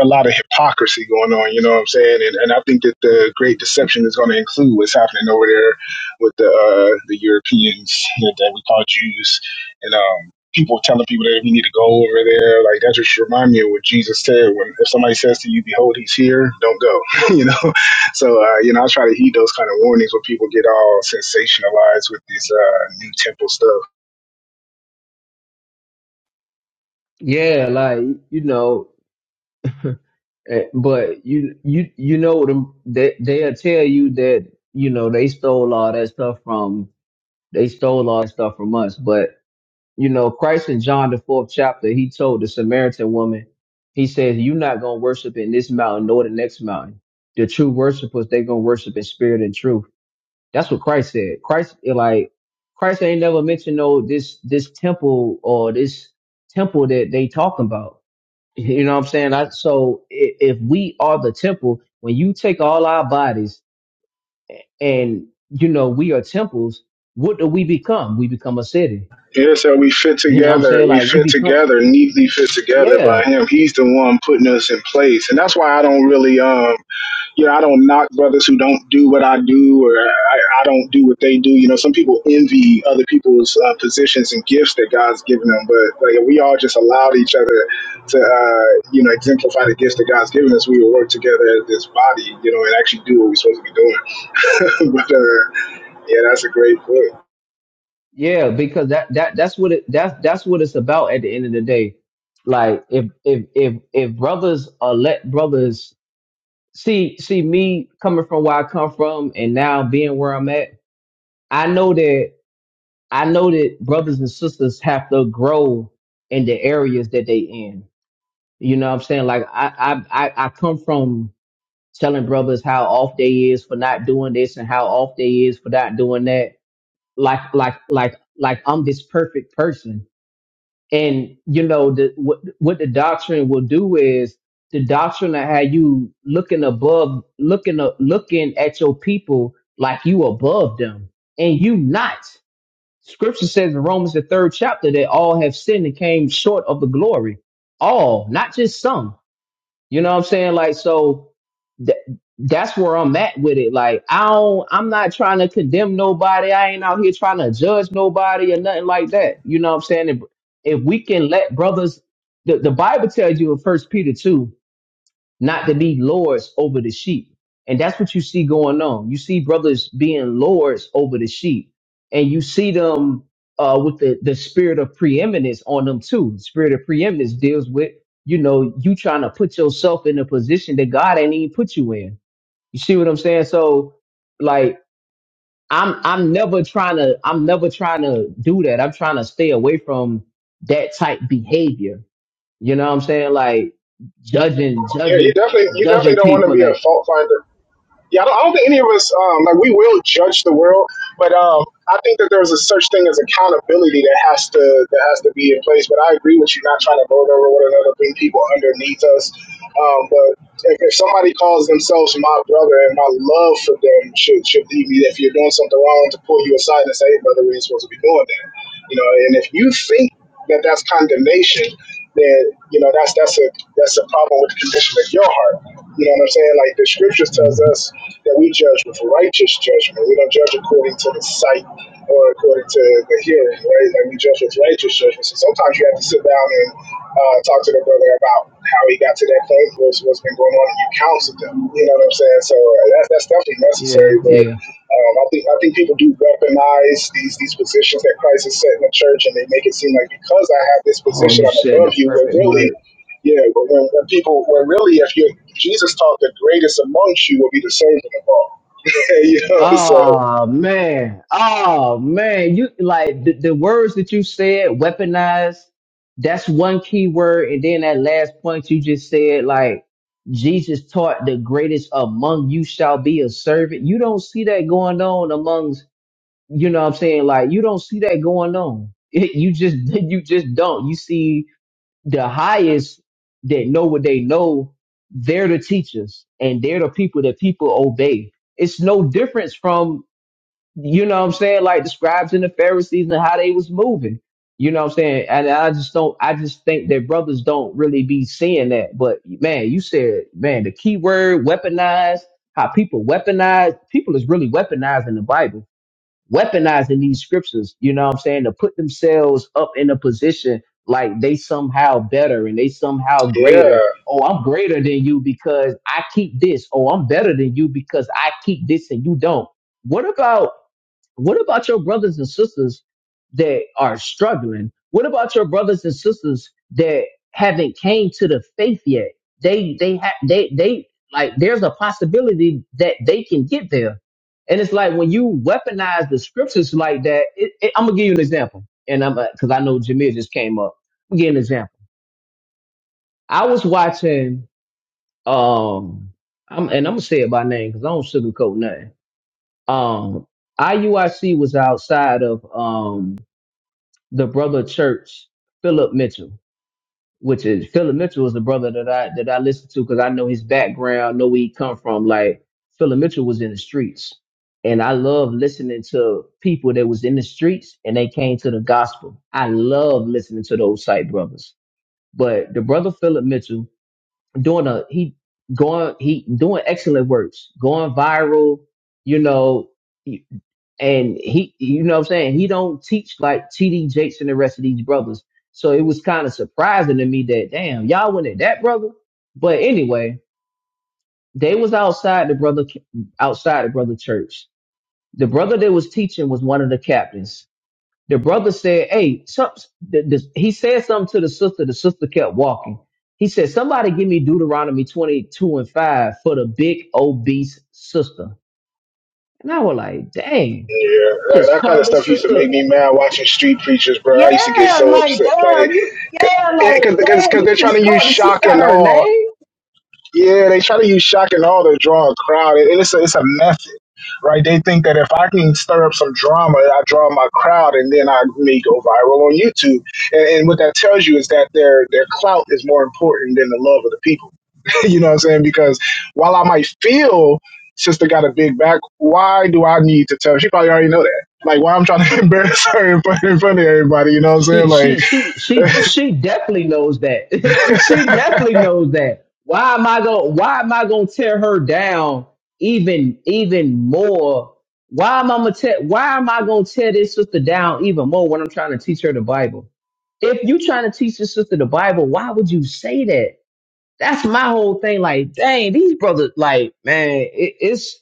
Speaker 6: a lot of hypocrisy going on, you know what I'm saying? And, and I think that the great deception is going to include what's happening over there with the uh, the Europeans that that we call Jews and um, people telling people that we need to go over there. Like, that just remind me of what Jesus said when if somebody says to you, Behold, he's here, don't go, you know? So, uh, you know, I try to heed those kind of warnings when people get all sensationalized with this uh, new temple stuff.
Speaker 4: Yeah, like you know, eh, but you you you know them they they'll tell you that you know they stole all that stuff from they stole all that stuff from us. But you know, Christ in John the fourth chapter, he told the Samaritan woman, he says, "You're not gonna worship in this mountain nor the next mountain. The true worshipers, they gonna worship in spirit and truth." That's what Christ said. Christ eh, like Christ ain't never mentioned no this this temple or this temple that they talking about you know what I'm saying? I, so i- if we are the temple, when you take all our bodies and you know we are temples, what do we become? We become a city.
Speaker 6: Yeah, so we fit
Speaker 4: You know what I'm
Speaker 6: together.
Speaker 4: saying?
Speaker 6: We
Speaker 4: Like we
Speaker 6: fit
Speaker 4: become
Speaker 6: together, neatly fit together
Speaker 4: yeah,
Speaker 6: by him. He's the one putting us in place, and that's why I don't really, um, you know, I don't knock brothers who don't do what I do, or I, I don't do what they do. You know, some people envy other people's uh, positions and gifts that God's given them, but like we all just allowed each other to, uh, you know, exemplify the gifts that God's given us. We will work together as this body, you know, and actually do what we're supposed to be doing. but uh, yeah, that's a great book.
Speaker 4: yeah, because that that that's what it that's that's what it's about at the end of the day. Like if if if if brothers are let brothers see see me coming from where I come from and now being where I'm at, I know that I know that brothers and sisters have to grow in the areas that they in. You know what I'm saying? Like I I I I come from telling brothers how off they is for not doing this and how off they is for not doing that. Like like like like I'm this perfect person. And you know the what what the doctrine will do is the doctrine of how you looking above looking up looking at your people like you above them and you not. Scripture says in Romans the third chapter that all have sinned and came short of the glory. All, not just some. You know what I'm saying? Like so th- that's where I'm at with it. Like I don't, I'm not trying to condemn nobody. I ain't out here trying to judge nobody or nothing like that. You know what I'm saying? If, if we can let brothers, the, the Bible tells you in First Peter two not to be lords over the sheep. And that's what you see going on. You see brothers being lords over the sheep, and you see them uh, with the, the spirit of preeminence on them too. The spirit of preeminence deals with, you know, you trying to put yourself in a position that God ain't even put you in. You see what I'm saying? So, like, I'm I'm never trying to I'm never trying to do that. I'm trying to stay away from that type behavior you know what I'm saying? Like judging,
Speaker 6: Yeah, you
Speaker 4: judging,
Speaker 6: definitely, you definitely
Speaker 4: judging
Speaker 6: don't want to
Speaker 4: people
Speaker 6: be a
Speaker 4: and
Speaker 6: fault finder Yeah, I don't, I don't think any of us um, like we will judge the world, but um, I think that there's a such thing as accountability that has to that has to be in place. But I agree with you, not trying to lord over one another, bring people underneath us. Um, but if, if somebody calls themselves my brother, and my love for them should should lead me. If you're doing something wrong, to pull you aside and say, "Hey, brother, we ain't supposed to be doing that," you know. And if you think that that's condemnation, then you know that's that's a that's a problem with the condition of your heart. You know what I'm saying? Like the scriptures tells
Speaker 4: Mhm.
Speaker 6: us that we judge with righteous judgment. We don't judge according to the sight or according to the hearing, right? Like we judge with righteous judgment. So sometimes you have to sit down and uh, talk to the brother about how he got to that point, what's, what's been going on, and you counsel them. You know what I'm saying? So uh, that's, that's definitely
Speaker 4: yeah,
Speaker 6: necessary. But
Speaker 4: yeah.
Speaker 6: um, I think I think people do weaponize these these positions that Christ has set in the church, and they make it seem like because I have this
Speaker 4: Oh,
Speaker 6: position,
Speaker 4: you
Speaker 6: I'm
Speaker 4: said the
Speaker 6: above you. When
Speaker 4: perfect
Speaker 6: really,
Speaker 4: word.
Speaker 6: yeah, but when, when people, when really, if you're Jesus taught the greatest amongst you will be the servant of all. you know, so
Speaker 4: Oh man. Oh man. You like the, the words that you said, weaponized, that's one key word. And then that last point you just said, like Jesus taught the greatest among you shall be a servant. You don't see that going on amongst you know what I'm saying? Like you don't see that going on. you just you just don't. You see the highest that know what they know, they're the teachers and they're the people that people obey. It's no difference from, you know what I'm saying, like the scribes and the Pharisees and how they was moving. You know what I'm saying? And I just don't I just think that brothers don't really be seeing that. But man, you said, man, the key word weaponized, how people weaponize people is really weaponizing the Bible weaponizing these scriptures, you know what I'm saying, to put themselves up in a position like they somehow better and they somehow
Speaker 6: yeah,
Speaker 4: greater. Oh, I'm greater than you because I keep this. Oh, I'm better than you because I keep this and you don't. What about what about your brothers and sisters that are struggling? What about your brothers and sisters that haven't came to the faith yet? They they have they they like there's a possibility that they can get there. And it's like when you weaponize the scriptures like that, it, it, I'm gonna give you an example. And I'm because I know Jameer just came up. I'm gonna give you an example. I was watching um I'm and I'm gonna say it by name because I don't sugarcoat nothing. Um IUIC was outside of um the brother church Philip Mitchell, which is Philip Mitchell is the brother that I that I listen to because I know his background, know where he come from. Like Philip Mitchell was in the streets, and I love listening to people that was in the streets and they came to the gospel. I love listening to those site brothers. But the brother Philip Mitchell doing a he going he doing excellent works, going viral. You know, and he you know what I'm saying he don't teach like TD Jakes and the rest of these brothers. So it was kind of surprising to me that damn y'all went at that brother. But anyway, they was outside the brother outside the brother church. The brother that was teaching was one of the captains. The brother said, "Hey, some, the, the, he said something to the sister. The sister kept walking. He said, "Somebody give me Deuteronomy 22 and 5 for the big obese sister." And I was like, "Dang,
Speaker 6: yeah, that,
Speaker 4: just
Speaker 6: that kind
Speaker 4: called
Speaker 6: of
Speaker 4: this
Speaker 6: stuff used to
Speaker 4: sister
Speaker 6: make me mad watching street preachers, bro. I used to get
Speaker 4: Yeah,
Speaker 6: so
Speaker 4: like
Speaker 6: upset, like,
Speaker 4: damn, you yeah, like
Speaker 6: because
Speaker 4: damn,
Speaker 6: because
Speaker 4: you
Speaker 6: they're trying
Speaker 4: just
Speaker 6: to use
Speaker 4: called the sister
Speaker 6: shock
Speaker 4: out
Speaker 6: and
Speaker 4: her
Speaker 6: awe
Speaker 4: name.
Speaker 6: Yeah, they try to use shock and awe to draw a crowd, and it's a, it's a method, right? They think that if I can stir up some drama, I draw my crowd, and then I may go viral on YouTube. And, and what that tells you is that their their clout is more important than the love of the people. you know what I'm saying? Because while I might feel sister got a big back, why do I need to tell? She probably already know that. Like why I'm trying to embarrass her in front, in front of everybody. You know what I'm
Speaker 4: She
Speaker 6: saying?
Speaker 4: she
Speaker 6: Like
Speaker 4: she she she definitely knows that. she definitely knows that. Why am I going why am I gonna tear her down even even more? Why am I gonna tear why am I gonna tear this sister down even more when I'm trying to teach her the Bible? If you trying to teach this sister the Bible, why would you say that? That's my whole thing. Like, dang, these brothers, like, man, it, it's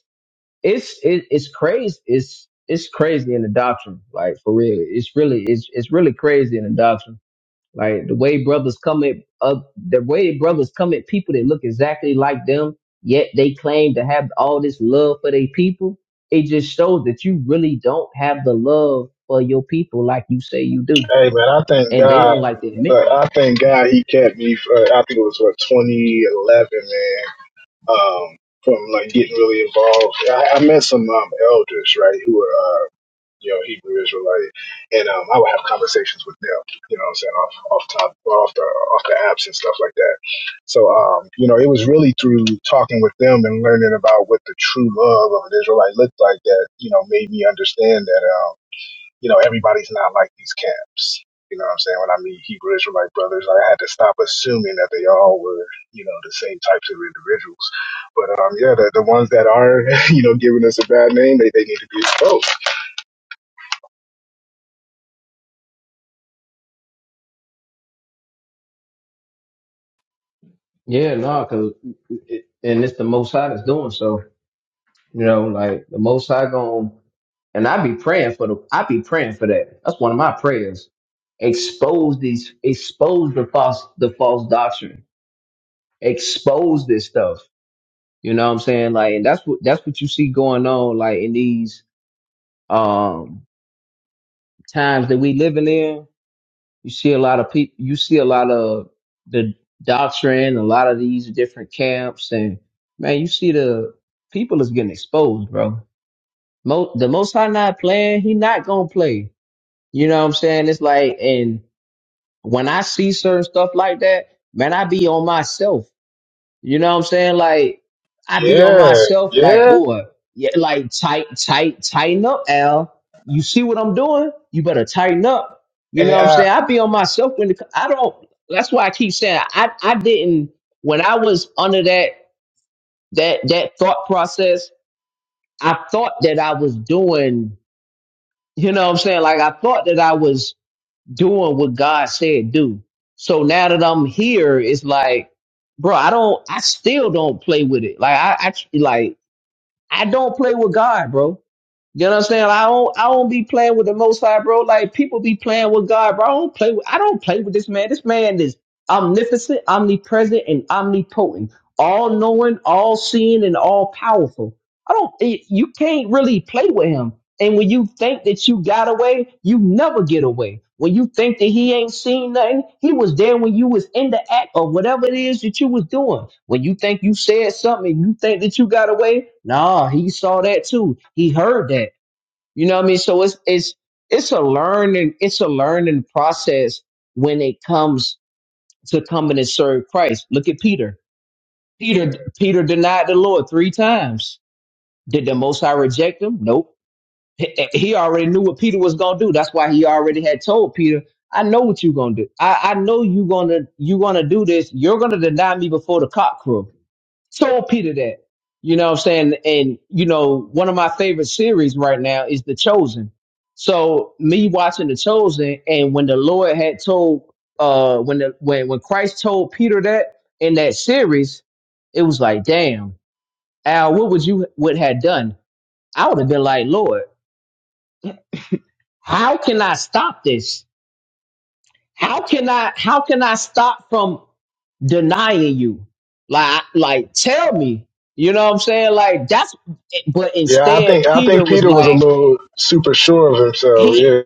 Speaker 4: it's it, it's crazy. It's it's crazy in the doctrine, like for real. It's really it's it's really crazy in the doctrine. Like the way brothers come at uh, the way brothers come at people that look exactly like them, yet they claim to have all this love for their people. It just shows that you really don't have the love for your people like you say you do,
Speaker 6: Hey man, I thank
Speaker 4: and they
Speaker 6: God.
Speaker 4: don't like to admit
Speaker 6: Look,
Speaker 4: that.
Speaker 6: I thank God he kept me for I think it was what 2011, man. Um, from like getting really involved. I, I met some um elders, right, who were uh, you know Hebrew Israelite, and um, I would have conversations with them. You know, what I'm saying off off top off the off the apps and stuff like that. So um, you know, it was really through talking with them and learning about what the true love of an Israelite looked like that you know made me understand that. um, you know, everybody's not like these camps. You know what I'm saying? When I meet Hebrew Israelite brothers, I had to stop assuming that they all were, you know, the same types of individuals. But um, yeah, the, the ones that are, you know, giving us a bad name, they, they need to be exposed.
Speaker 4: Yeah, no, cause it, and it's the Most High that's doing so. You know, like the Most High gonna And I be praying for the I be praying for that. That's one of my prayers. Expose these expose the false the false doctrine. Expose this stuff. You know what I'm saying? Like and that's what that's what you see going on like in these um times that we living in. You see a lot of people you see a lot of the doctrine, a lot of these different camps and man, you see the people is getting exposed, bro. Mo- the most high not playing, he not gonna play. You know what I'm saying? It's like, and when I see certain stuff like that, man, I be on myself. You know what I'm saying? Like, I be on
Speaker 6: Yeah,
Speaker 4: myself, like,
Speaker 6: yeah,
Speaker 4: boy, yeah, like tight, tight, tighten up, Al. You see what I'm doing? You better tighten up. You
Speaker 6: and
Speaker 4: know what I'm
Speaker 6: I,
Speaker 4: saying? I be on myself when the, I don't. That's why I keep saying I, I didn't when I was under that that that thought process. I thought that I was doing. You know what I'm saying? Like I thought that I was doing what God said do. So now that I'm here, it's like, bro, I don't, I still don't play with it. Like I, I like I don't play with God, bro. You know what I'm saying? I don't, I don't be playing with the Most High, bro. Like people be playing with God, bro. I don't play with, I don't play with this man. This man is omnipotent, omnipresent, and omnipotent, all knowing, all seeing, and all powerful. I don't, you can't really play with him. And when you think that you got away, you never get away. When you think that he ain't seen nothing, he was there when you was in the act or whatever it is that you was doing. When you think you said something and you think that you got away, nah, he saw that too. He heard that. You know what I mean? So it's it's it's a learning, it's a learning process when it comes to coming and serve Christ. Look at Peter. Peter Peter denied the Lord three times. Did the most high reject him? Nope he he already knew what Peter was gonna do. That's why he already had told Peter, "I know what you're gonna do. I, I know you gonna you gonna do this. You're gonna deny me before the cock crow." Told Peter that. You know what I'm saying? And you know, one of my favorite series right now is The Chosen. So me watching The Chosen, and when the Lord had told, uh, when the when when Christ told Peter that in that series, it was like, damn, Al, what would you would have done? I would have been like, Lord. How can I stop this? How can I how can I stop from denying you? Like like tell me. You know what I'm saying? Like that's but
Speaker 6: yeah. I
Speaker 4: instead
Speaker 6: think I
Speaker 4: Peter
Speaker 6: think
Speaker 4: was
Speaker 6: Peter was a
Speaker 4: like
Speaker 6: little super sure of himself.
Speaker 4: he
Speaker 6: Yeah,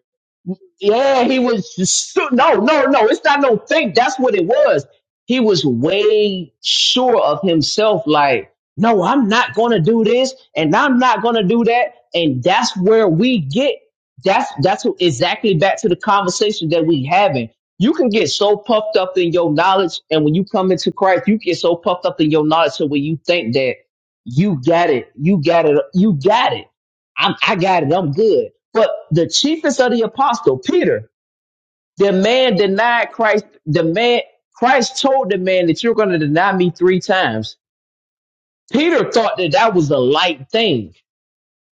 Speaker 4: Yeah, he was su- no, no, no. It's not no fake. That's what it was. He was way sure of himself. Like, no, I'm not gonna do this, and I'm not gonna do that. And that's where we get. That's that's what- exactly back to the conversation that we having. You can get so puffed up in your knowledge, and when you come into Christ, you get so puffed up in your knowledge to where you think that you got it, you got it, you got it I'm, I got it. I'm good. But the chiefest of the apostle, Peter, the man denied Christ. The man, Christ told the man that you're going to deny me three times. Peter thought that that was a light thing.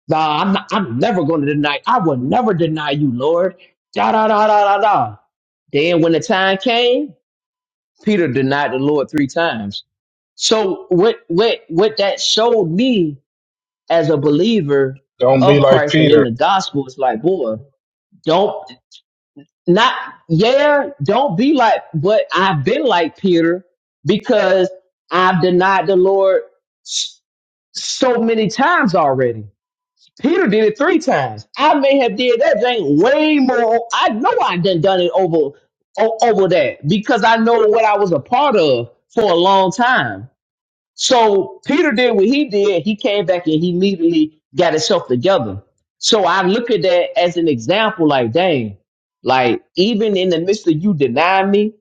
Speaker 4: Nah, I'm, not, I'm never going to deny. I will never deny you, Lord. Da da da da da da. Then when the time came, Peter denied the Lord three times. So what what what that showed me as a believer
Speaker 6: don't be
Speaker 4: of
Speaker 6: like
Speaker 4: Christ and in
Speaker 6: Peter.
Speaker 4: the gospel is like, boy, don't. not yeah don't be like but i've been like peter because i've denied the lord s- so many times already peter did it three times i may have did that thing way more i know i done done it over o- over that because i know what i was a part of for a long time so Peter did what he did. He came back and he immediately got himself together. So I look at that as an example, like, dang, like even in the midst of you denying me,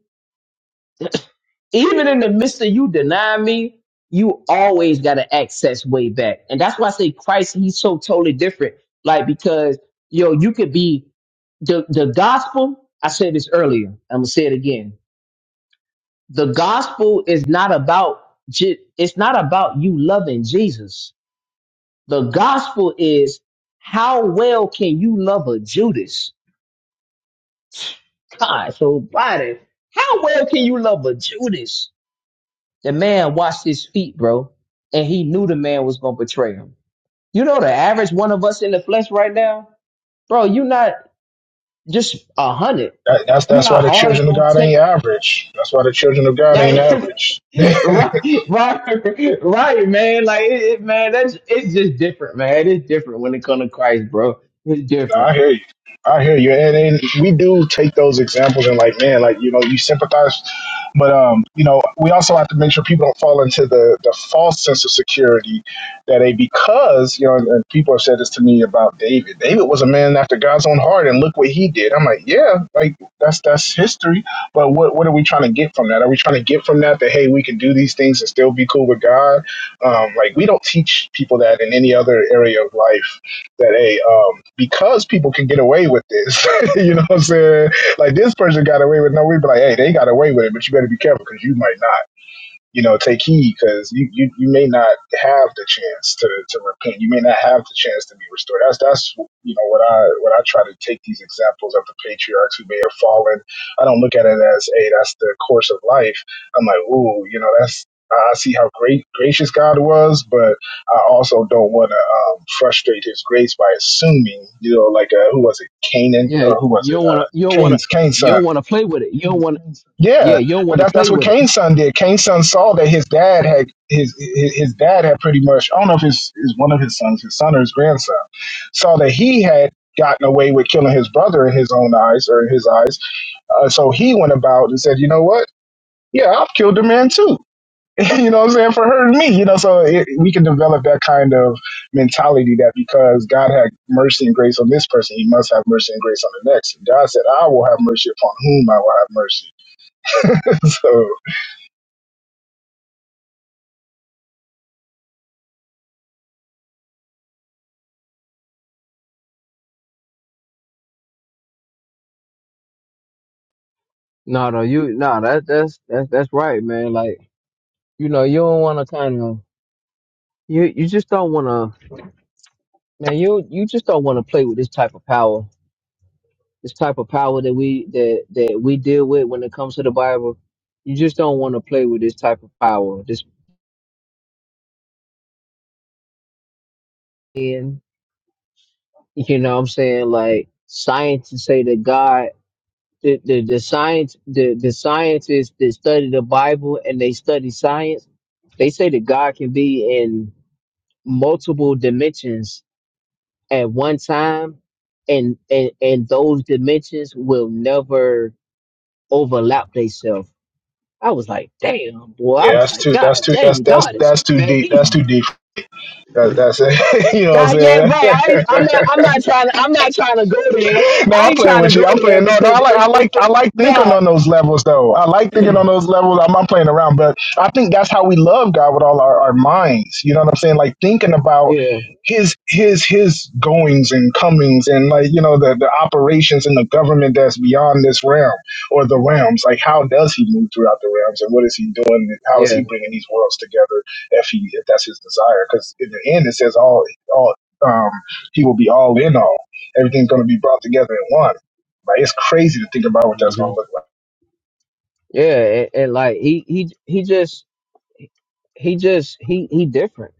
Speaker 4: even in the midst of you denying me, you always got an access way back. And that's why I say Christ, he's so totally different. Like, because yo, you could be the, the gospel. I said this earlier. I'm gonna say it again. The gospel is not about, ju- it's not about you loving Jesus The gospel is how well can you love a Judas? God, so body, how well can you love a Judas? The man washed his feet, bro, and he knew the man was gonna betray him. You know the average one of us in the flesh right now, bro. You're not just a hundred.
Speaker 6: That, that's
Speaker 4: You know
Speaker 6: that's
Speaker 4: how
Speaker 6: why the
Speaker 4: hard it's
Speaker 6: children of
Speaker 4: gonna
Speaker 6: God
Speaker 4: take.
Speaker 6: ain't average. That's why the children of God
Speaker 4: That
Speaker 6: ain't
Speaker 4: is,
Speaker 6: average.
Speaker 4: right, right, right, man. Like it, it- man, that's it's just different, man. It's different when it comes to Christ, bro. It's
Speaker 6: No,
Speaker 4: different.
Speaker 6: I hear you. I hear you. And, and we do take those examples and like, man, like, you know, you sympathize. But, um, you know, we also have to make sure people don't fall into the, the false sense of security that a because, you know, and people have said this to me about David. David was a man after God's own heart and look what he did. I'm like, yeah, like that's that's history. But what, what are we trying to get from that? Are we trying to get from that that, hey, we can do these things and still be cool with God? Um, like, we don't teach people that in any other area of life that hey, um, because people can get away with this, you know what I'm saying? Like this person got away with no, we'd be like, hey, they got away with it, but you better be careful because you might not you know, take heed because you, you you may not have the chance to, to repent. You may not have the chance to be restored. That's that's you know what I what I try to take these examples of the patriarchs who may have fallen. I don't look at it as hey, that's the course of life. I'm like, ooh, you know, that's I see how great gracious God was, but I also don't want to um, frustrate His grace by assuming, you know, like uh, who was it, Canaan
Speaker 4: Yeah,
Speaker 6: or who was
Speaker 4: you
Speaker 6: it,
Speaker 4: don't want
Speaker 6: uh,
Speaker 4: to. You don't want to.
Speaker 6: Cain's Cain's
Speaker 4: You
Speaker 6: son
Speaker 4: don't want to play with it. You don't want. Yeah,
Speaker 6: yeah,
Speaker 4: you don't
Speaker 6: but
Speaker 4: want to
Speaker 6: that's
Speaker 4: play
Speaker 6: that's what
Speaker 4: with it.
Speaker 6: Kane's son did. Kane's son saw that his dad had his his, his dad had pretty much I don't know if it's is one of his sons, his son or his grandson, saw that he had gotten away with killing his brother in his own eyes or in his eyes. Uh, so he went about and said, you know what? Yeah, I've killed a man too. you know what I'm saying for her and me. You know, so it, we can develop that kind of mentality that because God had mercy and grace on this person, He must have mercy and grace on the next. And God said, I will have mercy upon whom I will have mercy. so.
Speaker 4: No, no, you no. That that's that's that's right, man. Like you know, you don't want to kind of. You you just don't want to, man. You you just don't want to play with this type of power. This type of power that we that that we deal with when it comes to the Bible. You just don't want to play with this type of power. This being, you know, what I'm saying like scientists say that God. the, the, the science the, the scientists that study the Bible and they study science, they say that God can be in multiple dimensions at one time and and, and those dimensions will never overlap themselves. I was like, damn, boy. I
Speaker 6: Yeah,
Speaker 4: was
Speaker 6: that's
Speaker 4: like,
Speaker 6: too.
Speaker 4: God
Speaker 6: That's too. That's
Speaker 4: dang,
Speaker 6: that's
Speaker 4: God is
Speaker 6: that's too
Speaker 4: man,
Speaker 6: deep.
Speaker 4: he's
Speaker 6: That's too deep. That, that's it. you know what
Speaker 4: God, yeah,
Speaker 6: I'm
Speaker 4: right.
Speaker 6: saying?
Speaker 4: I ain't- I'm not I'm not trying to I'm not trying to go there.
Speaker 6: No,
Speaker 4: I
Speaker 6: I'm
Speaker 4: ain't
Speaker 6: playing
Speaker 4: trying to
Speaker 6: with
Speaker 4: go
Speaker 6: you. I'm
Speaker 4: there
Speaker 6: playing. No, no,
Speaker 4: because
Speaker 6: I like,
Speaker 4: it,
Speaker 6: I like,
Speaker 4: it's
Speaker 6: I like thinking
Speaker 4: no.
Speaker 6: on those levels, though. I like thinking on those levels. I'm not playing around, but I think that's how we love God with all our, our minds. You know what I'm saying? Like thinking about
Speaker 4: Yeah,
Speaker 6: his his his goings and comings, and like you know the the operations and the government that's beyond this realm or the realms. Like how does he move throughout the realms, and what is he doing? How is
Speaker 4: yeah.
Speaker 6: he bringing these worlds together? If he if that's his desire, because in the end it says all all um he will be all in all. Everything's going to be brought together in one. Like it's crazy to think about what that's
Speaker 4: Mm-hmm.
Speaker 6: going to look like.
Speaker 4: Yeah, and, and like he he he just he just he he different.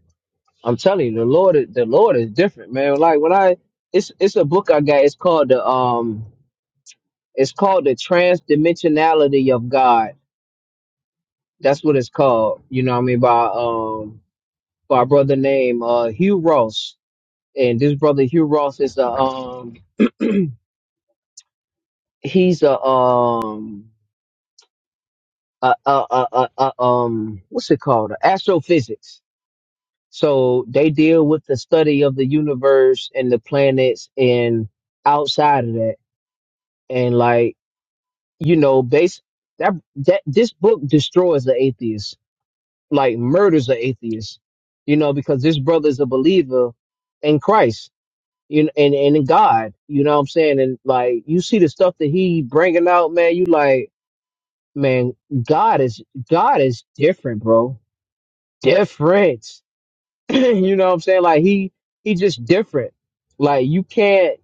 Speaker 4: I'm telling you, the Lord is- the Lord is different, man. Like when I it's it's a book I got. It's called the um it's called the Transdimensionality of God. That's what it's called. You know what I mean by um by a brother named uh Hugh Ross. And this brother Hugh Ross is a um he's a um a a a, a, a um what's it called? Astrophysics So they deal with the study of the universe and the planets and outside of that. And like, you know, base that that this book destroys the atheist, like murders the atheist, you know, because this brother is a believer in Christ, you know, and, and in God, you know what I'm saying? And like, you see the stuff that he bringing out, man, you like, man, God is, God is different, bro. Different. you know what I'm saying? Like he he just different. Like you can't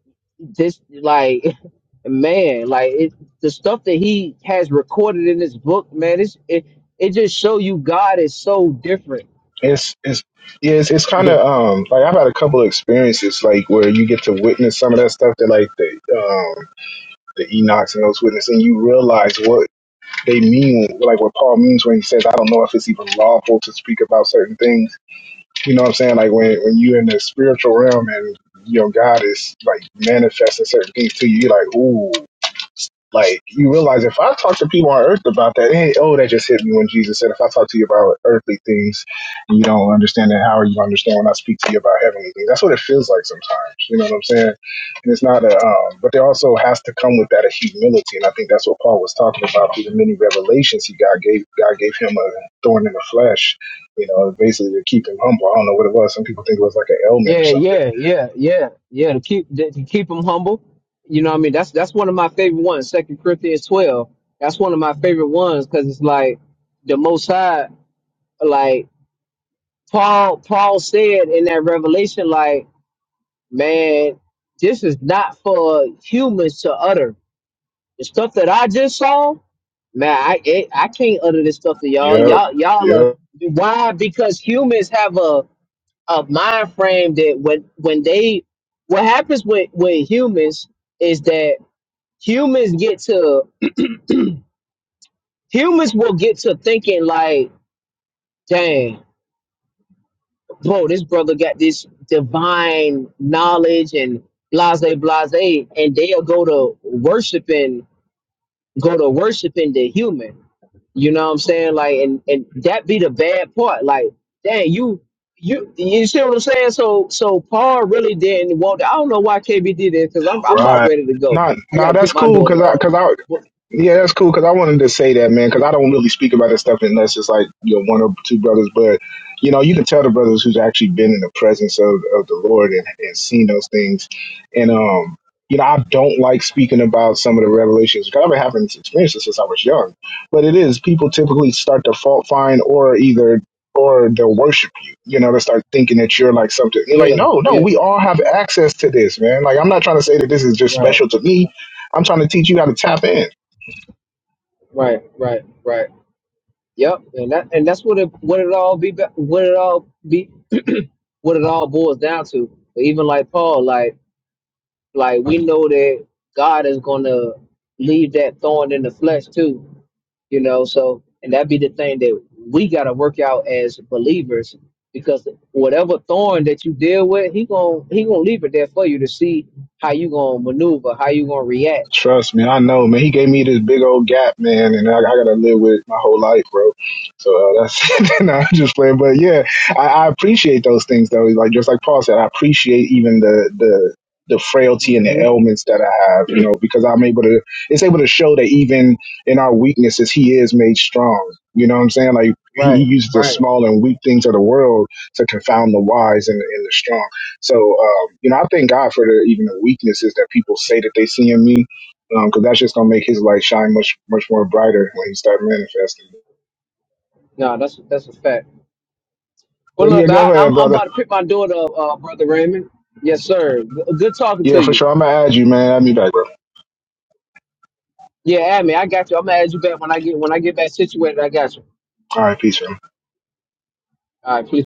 Speaker 4: just like man, like it, the stuff that he has recorded in this book, man, it's it it just show you God is so different.
Speaker 6: It's it's yeah, it's, it's kind
Speaker 4: That
Speaker 6: of um like I've had a couple of experiences like where you get to witness some of that stuff that like the um the Enochs and those witnesses, and you realize what they mean, like what Paul means when he says, "I don't know if it's even lawful to speak about certain things." You know what I'm saying? Like when when you're in the spiritual realm and you know God is like manifesting certain things to you, you're like, "Ooh." Like you realize if I talk to people on earth about that, hey, oh, that just hit me when Jesus said, if I talk to you about earthly things and you don't understand that, how are you gonna understand when I speak to you about heavenly things? That's what it feels like sometimes. You know what I'm saying? And it's not a, um, but there also has to come with that a humility, and I think that's what Paul was talking about through the many revelations he God gave. God gave him a thorn in the flesh, you know, basically to keep him humble. I don't know what it was. Some people think it was like an ailment or
Speaker 4: yeah,
Speaker 6: something.
Speaker 4: yeah, yeah, yeah, yeah. To keep to to keep him humble. You know what I mean? That's that's one of my favorite ones, Second Corinthians twelve. That's one of my favorite ones because it's like the most high like Paul Paul said in that revelation, like Man, this is not for humans to utter. The stuff that I just saw, man, I it, I can't utter this stuff to y'all.
Speaker 6: Yep.
Speaker 4: Y'all y'all
Speaker 6: Yep.
Speaker 4: are why? Because humans have a a mind frame that when when they what happens with with humans is that humans get to humans will get to thinking like, dang, bro, this brother got this divine knowledge and blase blase, and they'll go to worshiping go to worshiping the human. You know what I'm saying? Like, and and that be the bad part. Like, dang, you you you see what I'm saying? So so Paul really didn't want. to. I don't know why KB did that because I'm I'm about
Speaker 6: Right.
Speaker 4: ready to go.
Speaker 6: Not
Speaker 4: I
Speaker 6: nah, nah,
Speaker 4: gotta pick
Speaker 6: that's
Speaker 4: my
Speaker 6: cool
Speaker 4: daughter
Speaker 6: because I
Speaker 4: up.
Speaker 6: because I
Speaker 4: But,
Speaker 6: yeah that's cool because I wanted to say that man because I don't really speak about that stuff unless it's like you know one or two brothers but you know you can tell the brothers who's actually been in the presence of, of the Lord and, and seen those things and um you know I don't like speaking about some of the revelations because I've been having this experience since I was young but it is people typically start to fault find or either or they'll worship you know, to start thinking that you're like something. You're like,
Speaker 4: yeah,
Speaker 6: no, no,
Speaker 4: yeah,
Speaker 6: we all have access to this, man. Like, I'm not trying to say that this is just
Speaker 4: right,
Speaker 6: special to me. I'm trying to teach you how to tap in.
Speaker 4: right, right, right. Yep, and that and that's what it what it all be ba- what it all be what it all boils down to. But even like Paul, like. Like we know that God is gonna leave that thorn in the flesh too, you know. So and that be the thing that we gotta work out as believers because whatever thorn that you deal with, he gonna he gonna leave it there for you to see how you gonna maneuver, how you gonna react.
Speaker 6: Trust me, I know, man. He gave me this big old gap, man, and I, I gotta live with it my whole life, bro. So uh, that's no, I'm just playing, but yeah, I, I appreciate those things, though. Like just like Paul said, I appreciate even the the the frailty and the
Speaker 4: hmm
Speaker 6: ailments that I have, you know, because I'm able to. It's able to show that even in our weaknesses, He is made strong. You know what I'm saying? Like He, he
Speaker 4: Right,
Speaker 6: uses the
Speaker 4: right.
Speaker 6: small and weak things of the world to confound the wise and, and the strong. So, um, you know, I thank God for the, even the weaknesses that people say that they see in me because um, that's just gonna make his light shine much much more brighter when you start manifesting.
Speaker 4: No, that's that's a fact. Well,
Speaker 6: But
Speaker 4: look,
Speaker 6: yeah,
Speaker 4: man,
Speaker 6: go
Speaker 4: I, I'm
Speaker 6: ahead,
Speaker 4: I'm
Speaker 6: brother.
Speaker 4: about to pick my daughter up, uh, brother Raymond. Yes, sir. G- Good talking
Speaker 6: Yeah,
Speaker 4: to
Speaker 6: for
Speaker 4: you.
Speaker 6: sure. I'm gonna add you, man. I'll be back, bro.
Speaker 4: Yeah, Admin, I got you. I'm gonna add you back when I get when I get back situated. I got you.
Speaker 6: All right, peace. man.
Speaker 4: All right, peace.